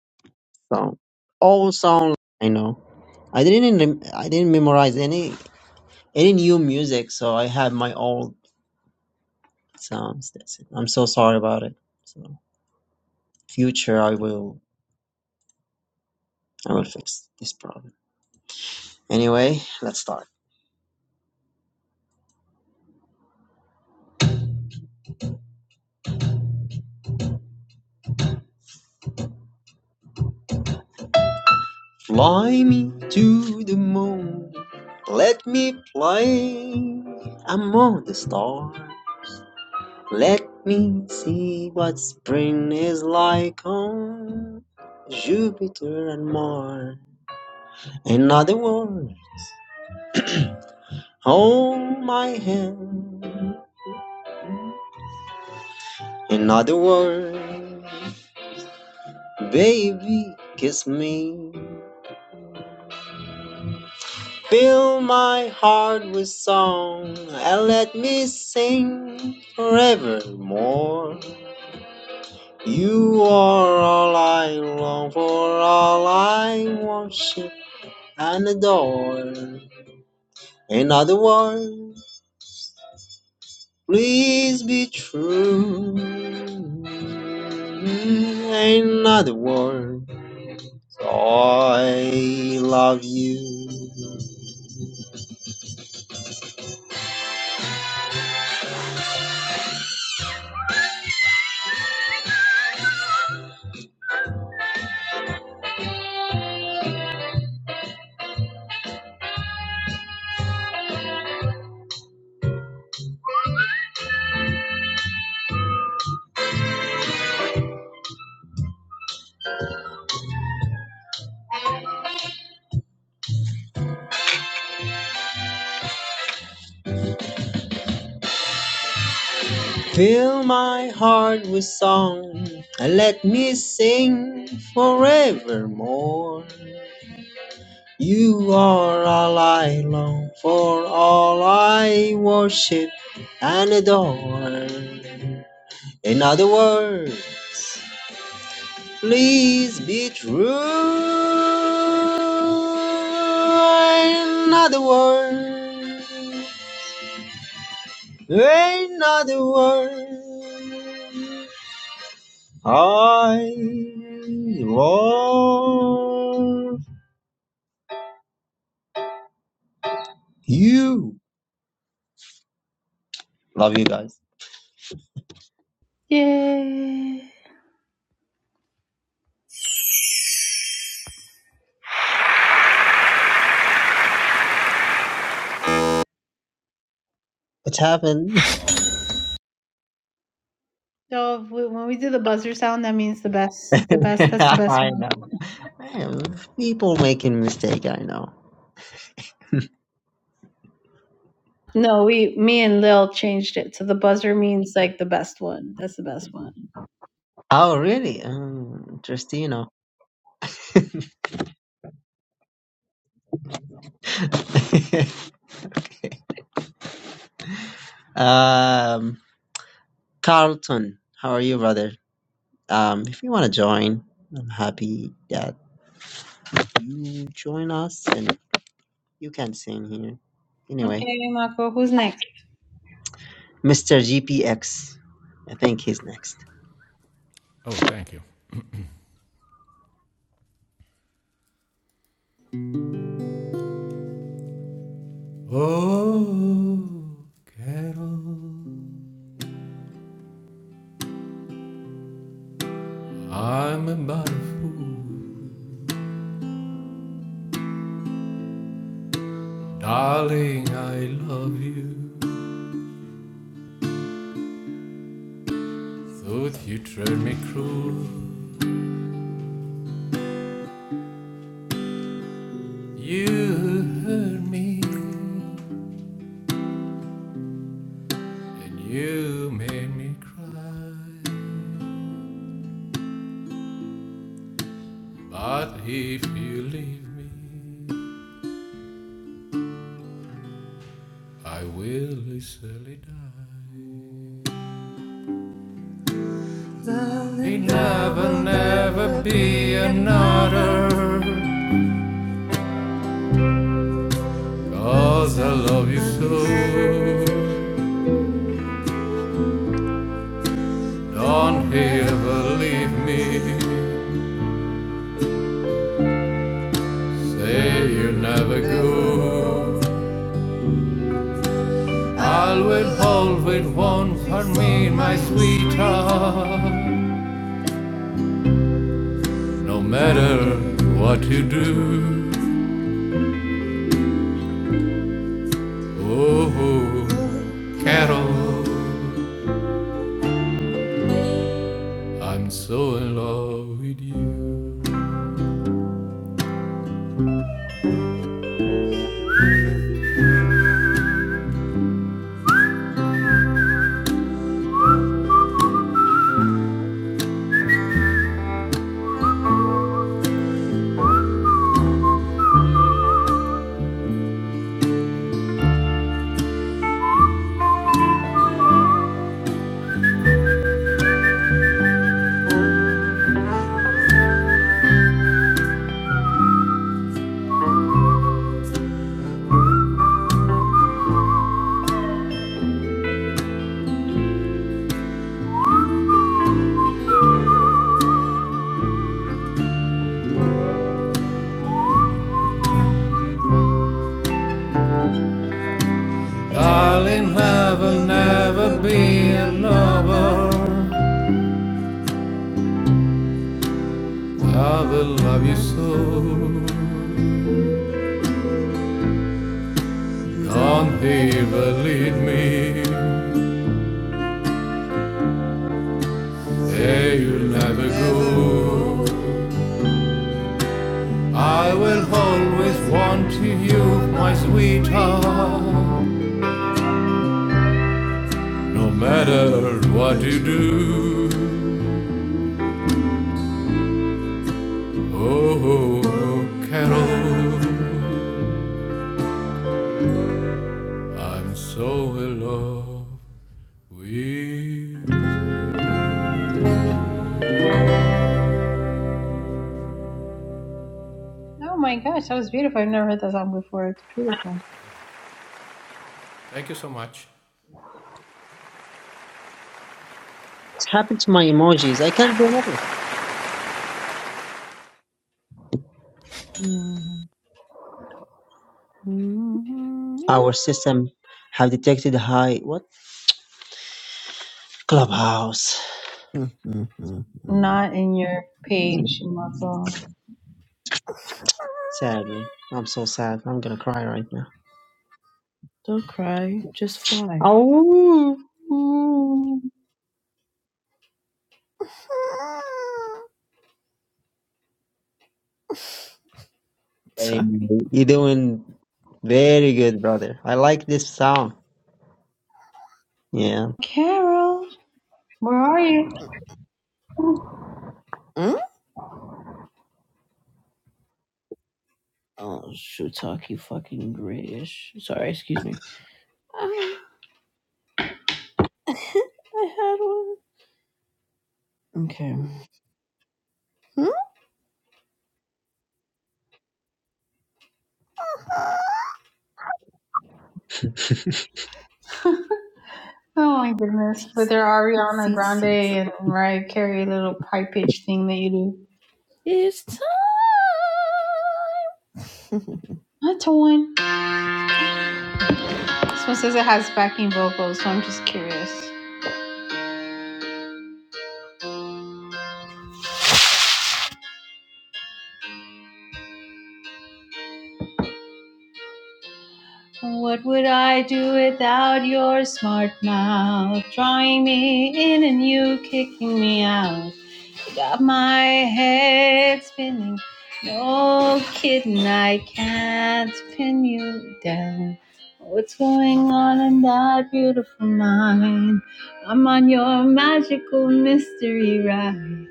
S3: song, all song. I know. I didn't. Rem- I didn't memorize any any new music, so I have my old songs. That's it. I'm so sorry about it. So future, I will. I will fix this problem. Anyway, let's start. Fly me to the moon. Let me play among the stars. Let me see what spring is like on Jupiter and Mars. In other words, hold my hand. In other words, baby, kiss me. Fill my heart with song and let me sing forevermore. You are all I long for, all I worship and adore. In other words, please be true. In other words, I love you. Fill my heart with song and let me sing forevermore. You are all I long for, all I worship and adore. In other words, please be true. In other words, in other words. I love you. Love you guys.
S2: Yay!
S3: What's happened?
S2: So if we, when we do the buzzer sound, that means the best, the best. That's the best
S3: I
S2: one.
S3: know. Man, people making mistake. I know.
S2: No, we, me and Lil changed it. So the buzzer means like the best one. That's the best one.
S3: Oh, really? Um, interesting. You know. um, Carlton, how are you, brother? Um, if you want to join, I'm happy that you join us, and you can sing here. Anyway,
S2: Okay, Mako. Who's next?
S3: Mr. GPX, I think he's next.
S5: Oh, Carol, I'm about a bad fool. Darling, I love you. Thought you treated me cruel. You hurt me, and you made me cry. But if you leave me, I will easily die. There'll never, never be another. 'Cause I love you so. Don't ever leave me. Say you'll never go. I'll with hold with one for me, my sweetheart. No matter what you do, oh, Carol, I'm so in love with you. Darling, love will never be an over. I will love you so. Don't ever leave me. Hey, you'll never go. I will always want you, my sweetheart, no matter what you do. Oh, Carol, I'm so in love with you.
S2: Oh my gosh, that was beautiful. I've never heard that song before. It's beautiful.
S5: Thank you so much.
S3: What happened to my emojis? I can't do nothing. Our system have detected high what clubhouse.
S2: Not in your
S3: Hmm,
S2: page, Mako.
S3: Sadly, I'm so sad. I'm gonna cry right now.
S1: Don't cry. Just fly.
S3: Oh,
S1: Sorry.
S3: Anyway, you're doing very good, brother. I like this song. Yeah.
S2: Carol, where are you? Oh
S1: Hmm? Oh, shiitake fucking grayish. Sorry, excuse me. Ah, I had one. Okay. Hmm?
S2: my goodness. With their Ariana
S1: Seats, seats.
S2: Grande and Mariah Carey little high pitch thing that you do.
S1: It's time.
S2: That's a one. This one says it has backing vocals, so I'm just curious. What would I do without your smart mouth? Drawing me in and you kicking me out. Got my head spinning. No kidding, I can't pin you down. What's going on in that beautiful mind? I'm on your magical mystery ride.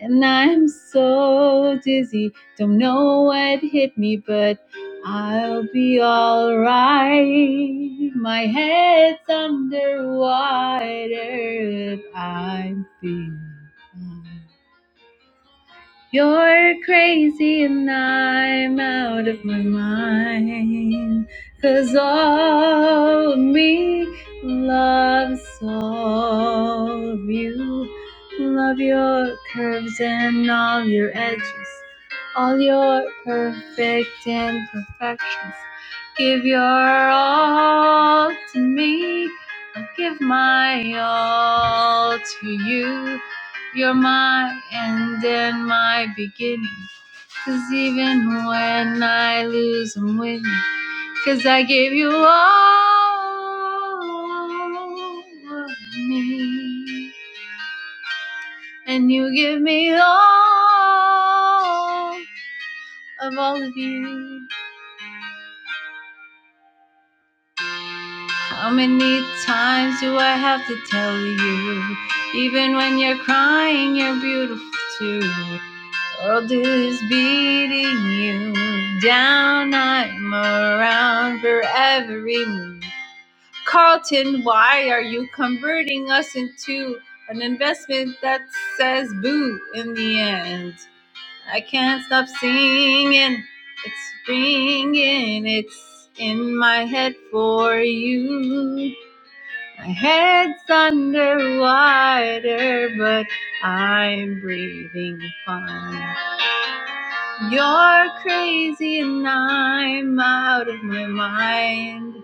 S2: And I'm so dizzy, don't know what hit me, but I'll be alright. My head's underwater, I'm feeling fine. You're crazy and I'm out of my mind. 'Cause all of me loves all of you. Love your curves and all your edges. All your perfect imperfections. Give your all to me. I'll give my all to you. You're my end and my beginning. 'Cause even when I lose, I'm winning. 'Cause I gave you all of me. And you give me all of all of you. How many times do I have to tell you? Even when you're crying, you're beautiful too. The World is beating you down. I'm around for every move. Carlton, why are you converting us into an investment that says boo in the end? I can't stop singing. It's ringing. It's in my head for you. My head's underwater, but I'm breathing fine. You're crazy and I'm out of my mind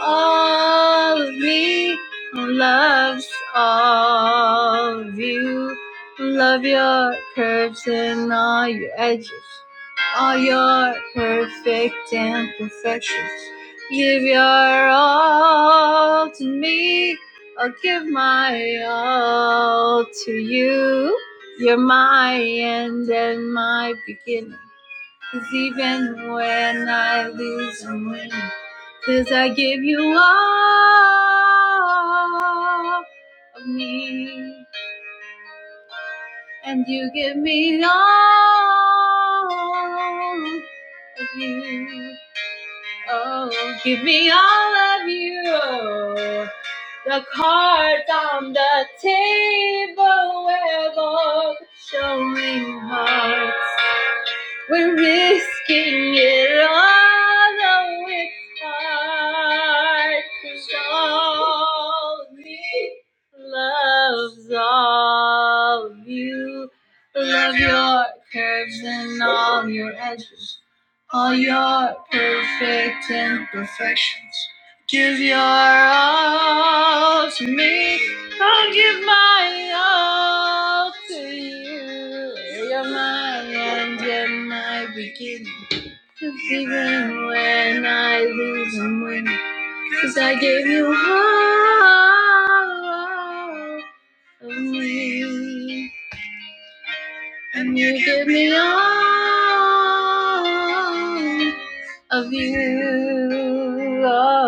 S2: all of me loves all of you. Love your curves and all your edges, all your perfect imperfections. Give your all to me. I'll give my all to you. You're my end and my beginning. Cause even when I lose and win, 'cause I give you all of me, and you give me all of you. Oh, give me all of you. The cards on the table were both showing hearts. We're risking it all, though it's hard. 'cause all of me loves all of you. Love your curves and all your edges, all your perfect imperfections. Give your all to me. I'll give my all to you. You're my end and my beginning. The beginning when I lose and win, 'cause I gave you all of me. And you give me all of you. All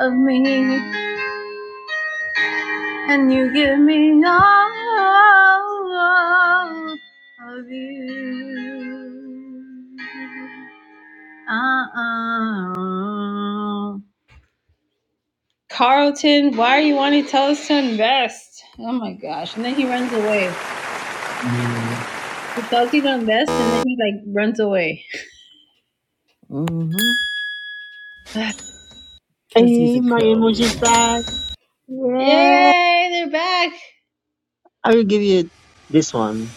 S2: of me. And you give me all of you. Uh-uh. Carlton, why are you wanting to tell us to invest? Oh my gosh. And then he runs away.
S3: Mm.
S2: He tells you to invest and then he like runs away.
S1: mm-hmm. Cause he's
S3: Hey,
S1: a
S3: my
S1: coward.
S3: emoji's back. Yeah.
S2: Yay, they're back.
S3: I will give you this one.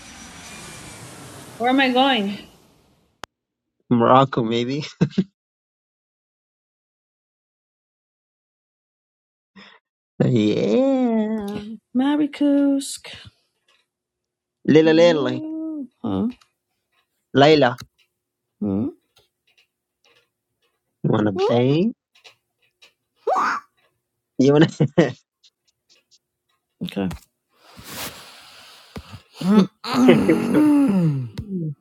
S2: Where am I going?
S3: Morocco, maybe. yeah.
S1: Marikusk.
S3: Lila Lila.
S1: Whoa. Huh?
S3: Layla.
S1: Hmm?
S3: You wanna play? You wanna?
S1: Okay.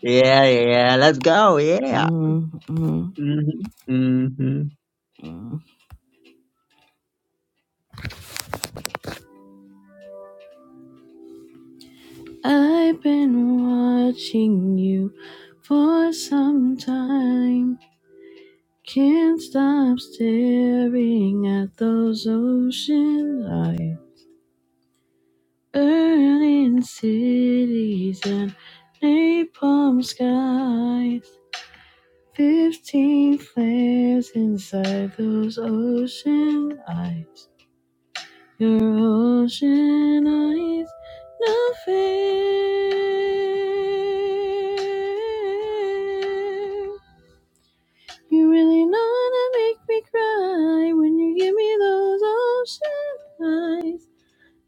S3: Yeah, yeah, let's go. Yeah.
S1: Mm-hmm.
S3: hmm hmm
S1: Mm-hmm. I've been watching you for some time. Can't stop staring at those ocean lights, burning cities and napalm skies. Fifteen flares inside those ocean eyes. Your ocean eyes, no nothing. You really know how to make me cry when you give me those ocean eyes.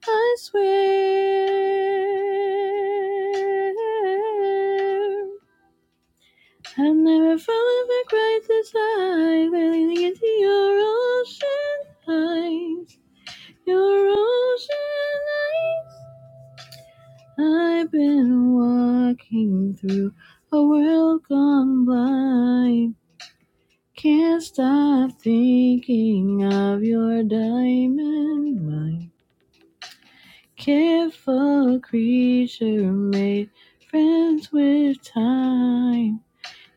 S1: I swear, I've never fallen for quite this high. Lately, into your ocean eyes, your ocean eyes. I've been walking through a world gone blind. Can't stop thinking of your diamond mind. Careful creature made friends with time.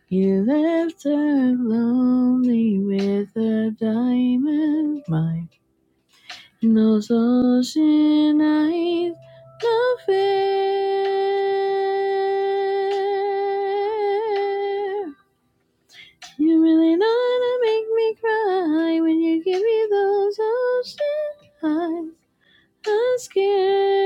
S1: You left her lonely with a diamond mind. No soñéis la fair. You really know how to make me cry when you give me those ocean eyes. I'm scared.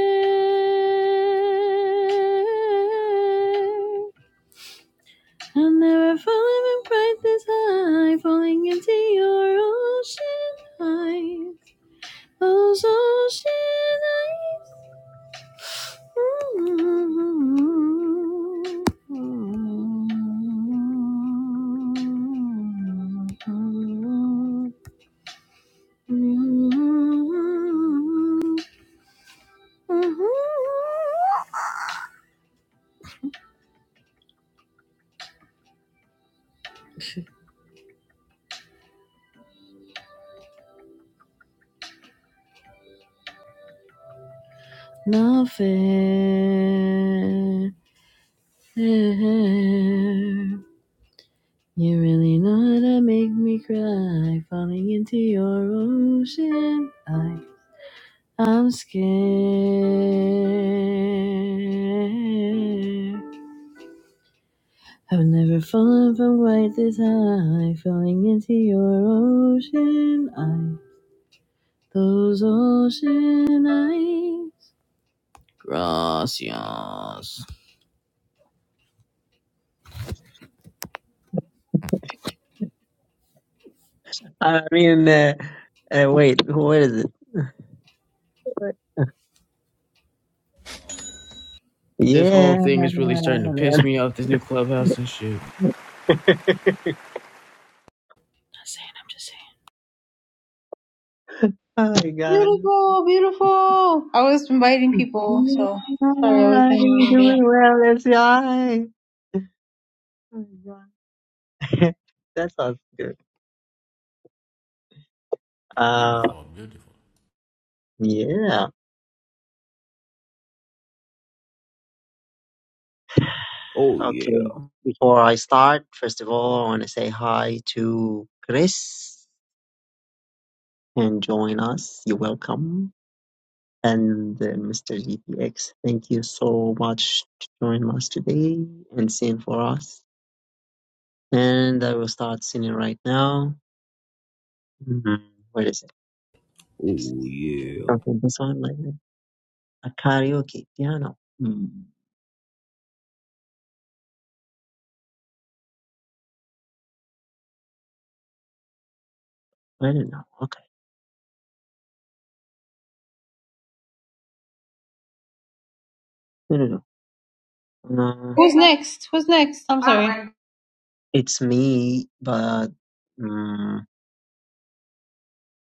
S1: I'll never fall in pride this high, falling into your ocean eyes. Those ocean eyes. Nothing. You're really know how to make me cry. Falling into your ocean. I, I'm scared. I've never fallen from quite this high, falling into your ocean eye. Those ocean eyes. Gracias.
S3: I mean, uh, uh, wait, what is it?
S1: This whole
S3: Yeah.
S1: thing is really starting to piss me off, this new clubhouse and shit.
S3: Oh my God.
S2: Beautiful, beautiful. I was inviting people, so
S3: Yeah,
S2: sorry I was doing
S3: I'm
S2: one of
S3: doing well, let's go. Oh my God. That sounds good. Uh,
S5: Beautiful, beautiful.
S3: yeah. Okay. Before I start, first of all, I want to say hi to Chris and join us. You're welcome. and uh, Mr. GPX. Thank you so much to join us today and sing for us. And I will start singing right now. Mm, Where is it?
S1: Oh, yeah.
S3: Something this one like that. a karaoke piano. Mm, I don't know. Okay, I don't know. Uh,
S2: Who's next? Who's next? I'm sorry.
S3: it's me, but um,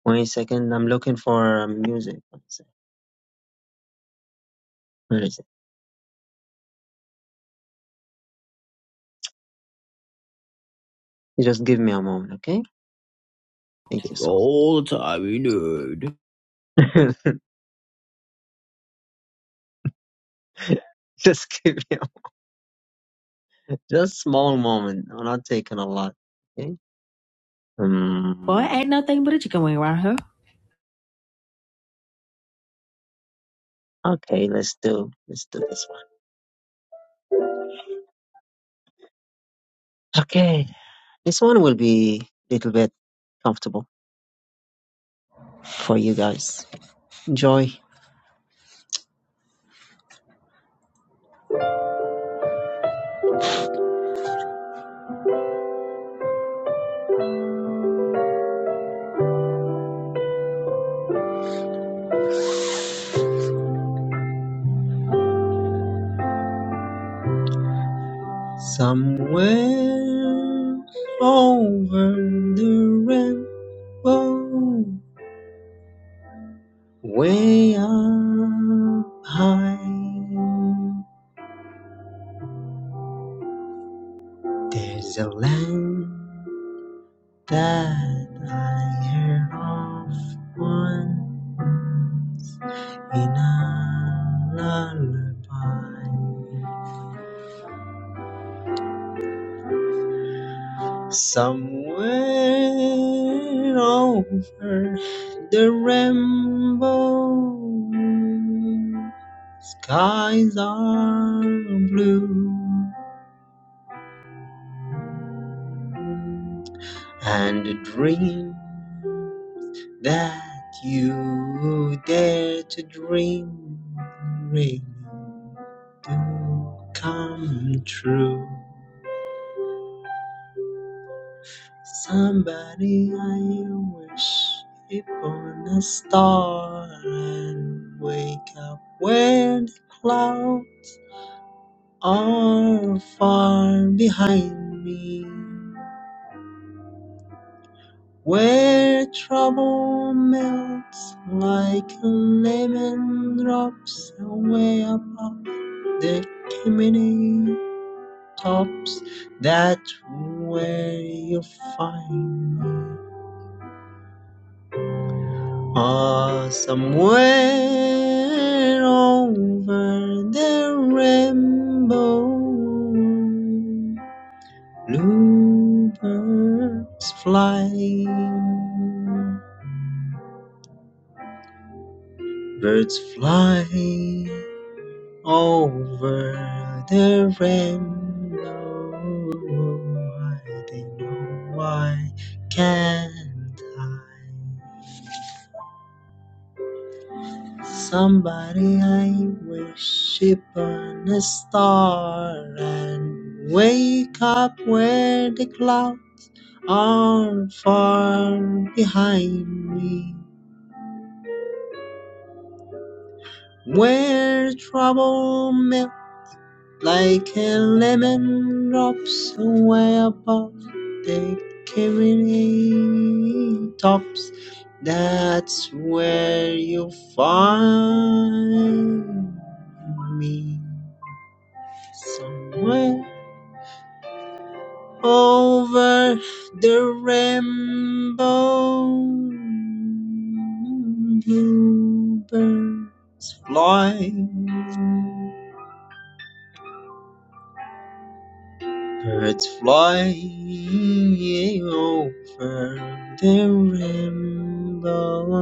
S3: wait a second. I'm looking for uh, music. What is sec. Where is it? Just give me a moment, okay? Thank you so. Just give me. Just small moment. I'm not taking a lot. Okay. Um, okay, let's do let's do this one. Okay. This one will be a little bit comfortable for you guys. Enjoy. Somewhere over the rainbow, way up high, there's a land that I heard of once. in a lullaby somewhere over the rainbow skies are blue and a dream that you dare to dream really do come true Somebody I wish upon a star and wake up when the clouds are far behind me. Where trouble melts like a lemon drops away above the chimney tops. That's where you find me. Ah, somewhere over the rainbow, bluebirds fly, birds fly over the rainbow. I don't know why can't I? Somebody I worship on a star and wake up where the clouds are far behind me. Where trouble melt like a lemon drops away above the cavity tops. That's where you find me. Somewhere over the rainbow, bluebird flying, birds flying over the rainbow. Oh,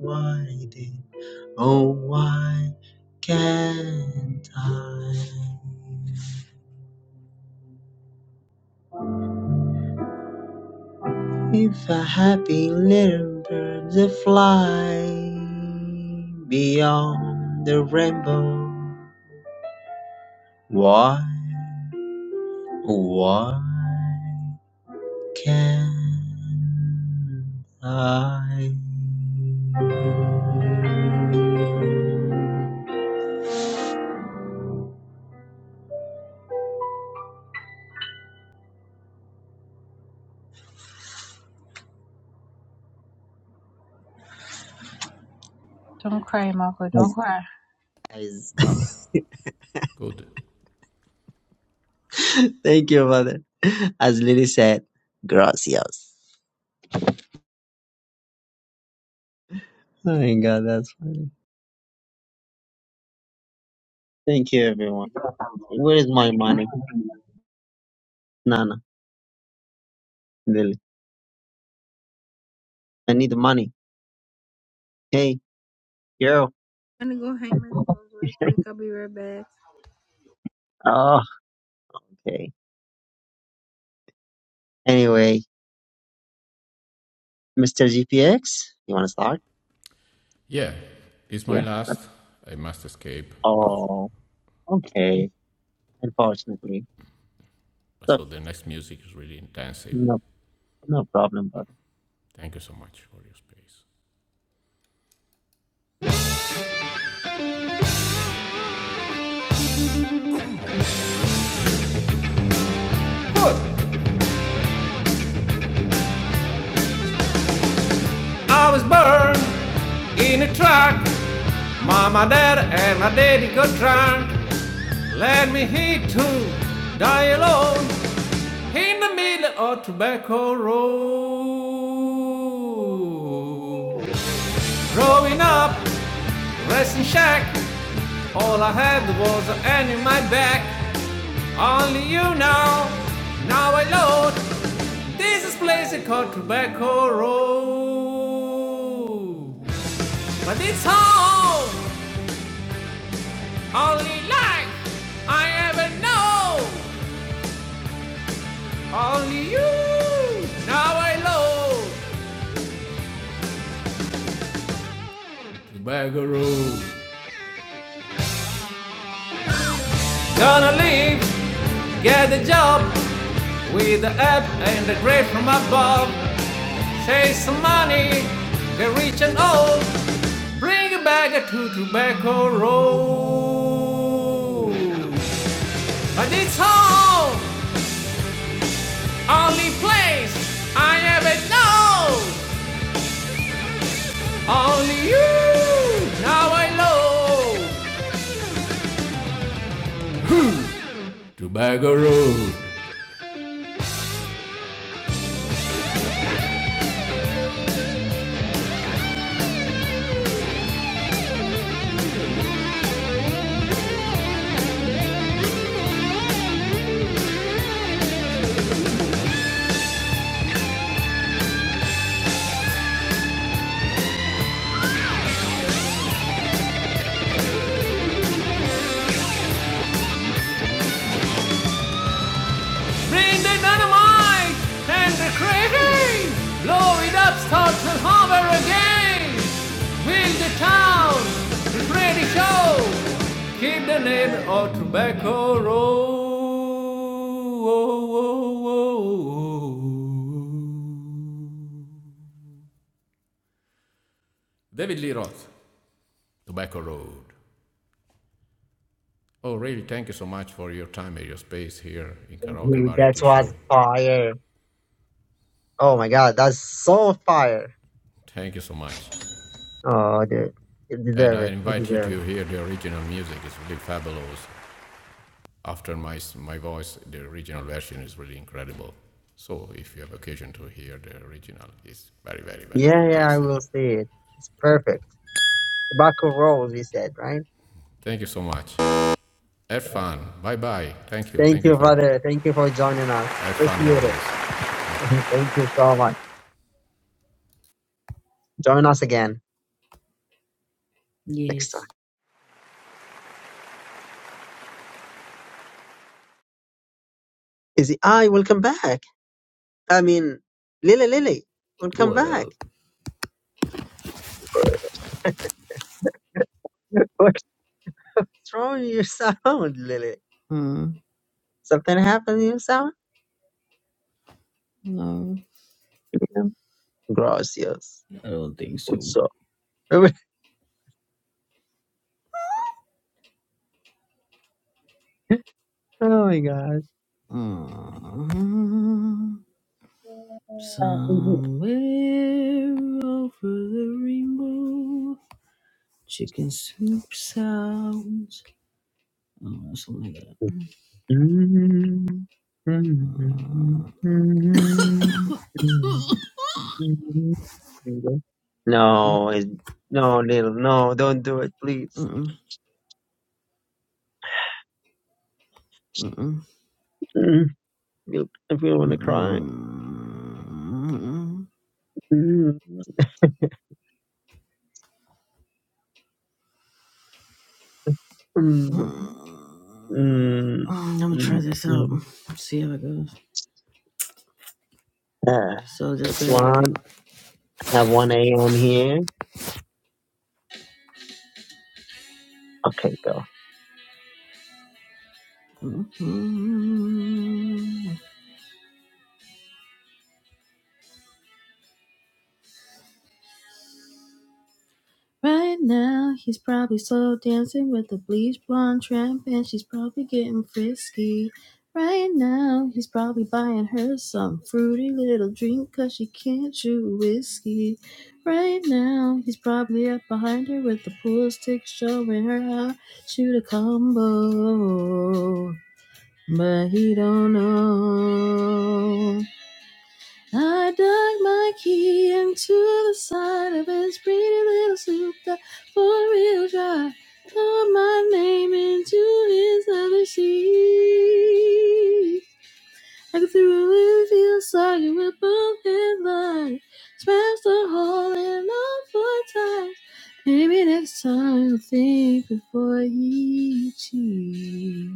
S3: Why did, oh why can't I? If a happy little bird that fly beyond the rainbow, why, why can't I?
S2: Don't cry, Marco. Don't
S3: As,
S2: cry.
S3: as-
S5: Good.
S3: thank you, Father. As Lily said, gracias. Oh my God, that's funny. Thank you, everyone. Where is my
S2: Hey, people.
S3: money? Nana, Lily, I need money. Hey, yo.
S2: I'm gonna go hang my clothes really quick. I'll be right back.
S3: Oh, okay. Anyway, Mr. GPX, you want to start? Yeah. but- Oh, okay. Unfortunately, it's okay. No, no problem, brother.
S5: Good. I was born in a truck. Mama, dad, and my daddy got drunk. Let me hate to die alone in the middle of tobacco road. Growing up, resting shack, all I had was an end in my back. Only you now, now I load. This is place called tobacco road. But it's home, only life I ever know. Only you, now I know. Gonna leave, get a job with the app and the grade from above. Chase some money, get rich and old. Bring a it back to Tobacco Road. But it's home, only place I ever know. Only you, now I know. Bring the dynamite and the crazy! Blow it up, start the hammer again! Build the town, the pretty show! Keep the name of Tobacco Road. Oh, oh, oh, oh, oh.
S3: Dude, that was fire. Oh my God, that's so fire. Oh, dude, you deserve it. You deserve it. Yeah, yeah, I will see it. It's perfect. Tobacco rolls, you said, right? Yeah. Thank you, brother. Thank you for joining us. Appreciate it. Thank you so much. Join us again next time.
S1: Yes.
S3: Izzy, I will come back. I mean, Lily, Lily, will come back.
S1: Oh,
S3: What's wrong with your sound, Lily?
S1: mm,
S3: Something happened to your sound?
S1: no.
S3: Yeah. Gracias.
S1: I don't think so.
S3: Also. oh my gosh.
S1: Mm,
S3: Yeah, Izzy.
S1: somewhere over the rainbow, chicken soup sounds. Oh, something like that.
S3: Mm, mm, mm, mm, mm, mm. No, it, no, little, no, don't do it, please. Mm, you- I feel want to cry.
S1: Mm,
S3: Mm, mm,
S1: I'm gonna try
S3: mm,
S1: this out.
S3: mm.
S1: See how it goes.
S3: Uh,
S1: So just
S3: it's
S1: bear with me.
S3: one at one a.m. here. Okay, go.
S1: Mm, Right now, he's probably slow dancing with a bleach blonde tramp, and she's probably getting frisky. Right now, he's probably buying her some fruity little drink, cause she can't chew whiskey. Right now, he's probably up behind her with the pool stick, showing her how to shoot a combo. But he don't know. I dug my key into the side of his pretty little soup that four-wheel drive. Throw my name into his leather seat. I could throw it feel soggy with both headlines. Smashed a hole in all four times. Maybe next time you'll think before you cheat.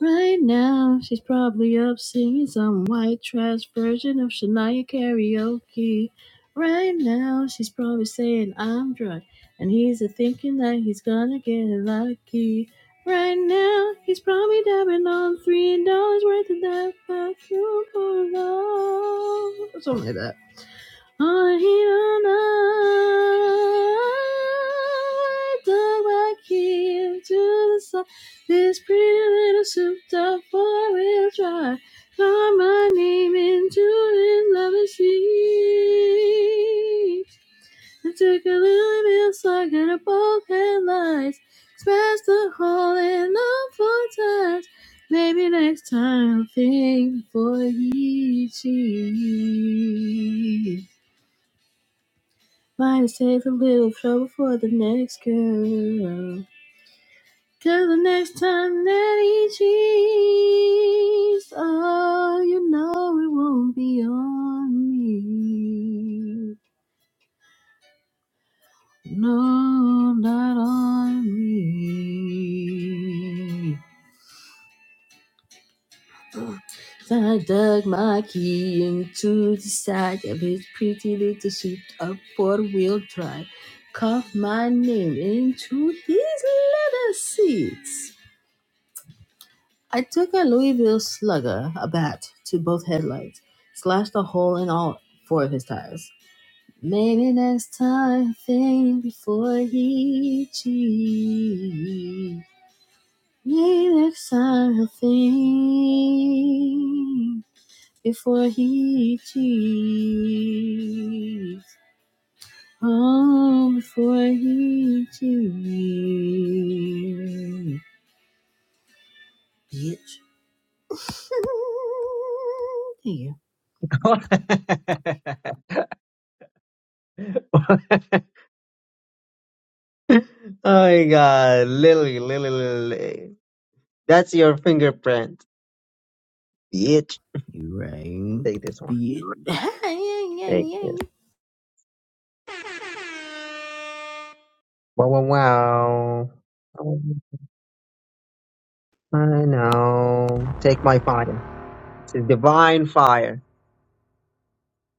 S1: Right now, she's probably up singing some white trash version of Shania karaoke. Right now, she's probably saying I'm drunk, and he's a thinking that he's gonna get lucky. Right now, he's probably dabbing on three dollars worth of that vacuum for love, something like that. I dug back here to the sun. This pretty little souped up four-wheel drive. Call my name into his lovely sleep. I took a little bit slug in a both headlights. Smashed the hole in the four times. Maybe next time I'll think before he cheats. Might save a little trouble for the next girl. Cause the next time that he cheats, oh, you know it won't be on me. No, not on me. So I dug my key into the side of his pretty little suit of four-wheel drive, carved my name into his leather seats. I took a Louisville slugger, a bat, to both headlights, slashed a hole in all four of his tires. Maybe next time, think before he cheats. Maybe next time he'll think before he cheats. Oh, before he cheats. Bitch. Thank you.
S3: oh my god, Lily, Lily, Lily. That's your fingerprint, bitch.
S1: Right.
S3: Take this one. Take this. Wow, wow, wow. Oh, I know. Take my fire. It's a divine fire,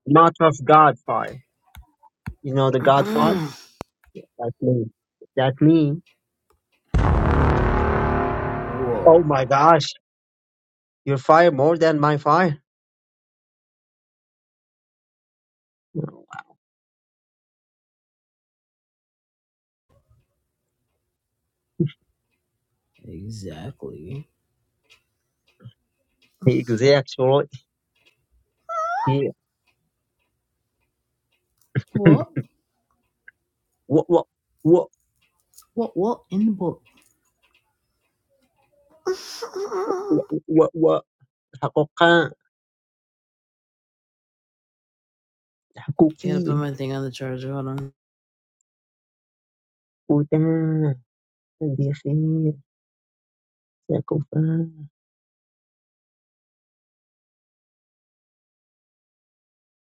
S3: not of God fire. You know the God fire? That's me. That's me. Oh my gosh, your fire more than my fire.
S1: exactly.
S3: Exactly.
S1: What?
S3: what what what
S1: What? What in the book? I
S3: what what حقوقا
S1: gotta put
S3: حقوقي
S1: my thing on the charger. Hold on.
S3: وده بخير سأكون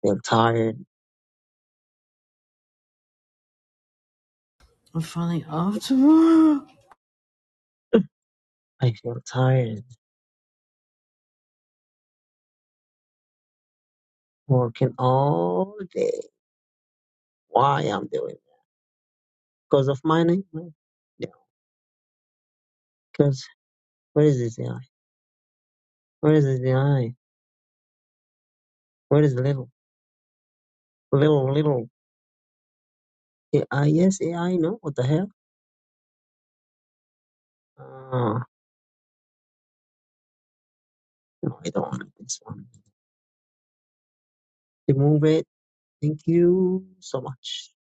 S3: feel tired
S1: I'm finally off tomorrow.
S3: I feel tired working all day why I'm doing it because of my name Well, yeah because where is this AI where is this AI where is the little little little AI yes AI no what the hell Ah. No, I don't want this one. Remove it. Thank you so much.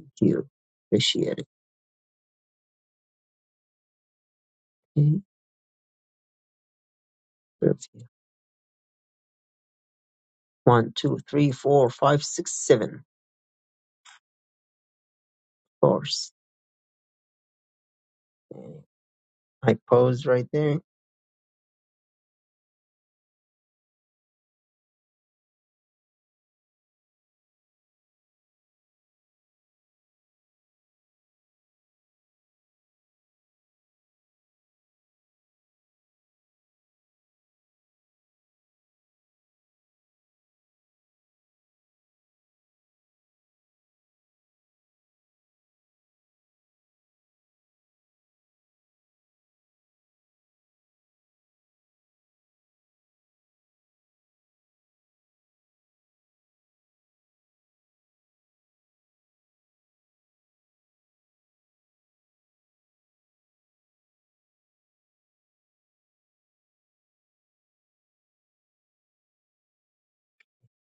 S3: Thank you. Appreciate it. Okay. Thank One, two, three, four, five, six, seven. Of course. Okay. I pose right there.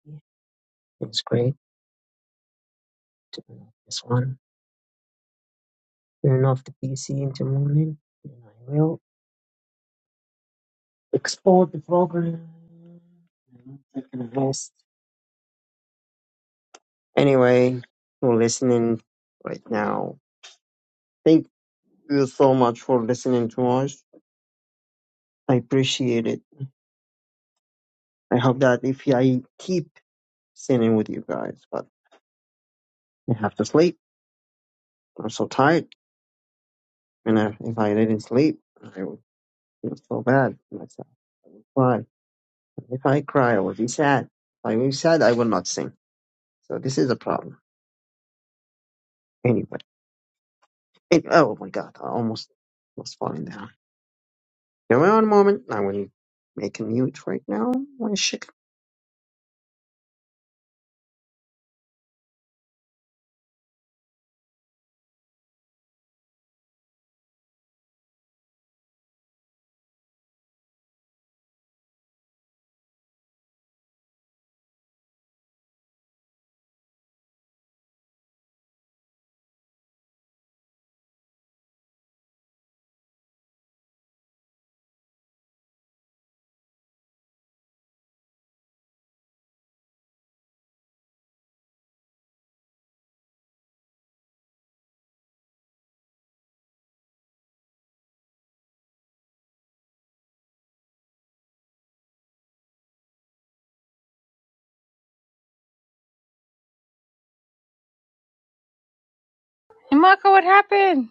S3: Yeah, It's great. Turn off this one. Turn off the PC in the morning. And I will export the program. I'm taking a rest. Anyway, you're listening right now. Thank you so much for listening to us. I appreciate it. I hope that if I keep singing with you guys, but I have to sleep. I'm so tired, and I, if I didn't sleep, I would feel so bad. for myself. Why? If I cry, I would be sad. If I be sad, I will not sing. So this is a problem. Anyway, it, oh my God, I almost was falling down. Give me one moment. I will make a mute right now. My shit.
S2: Hey, Marco, what happened?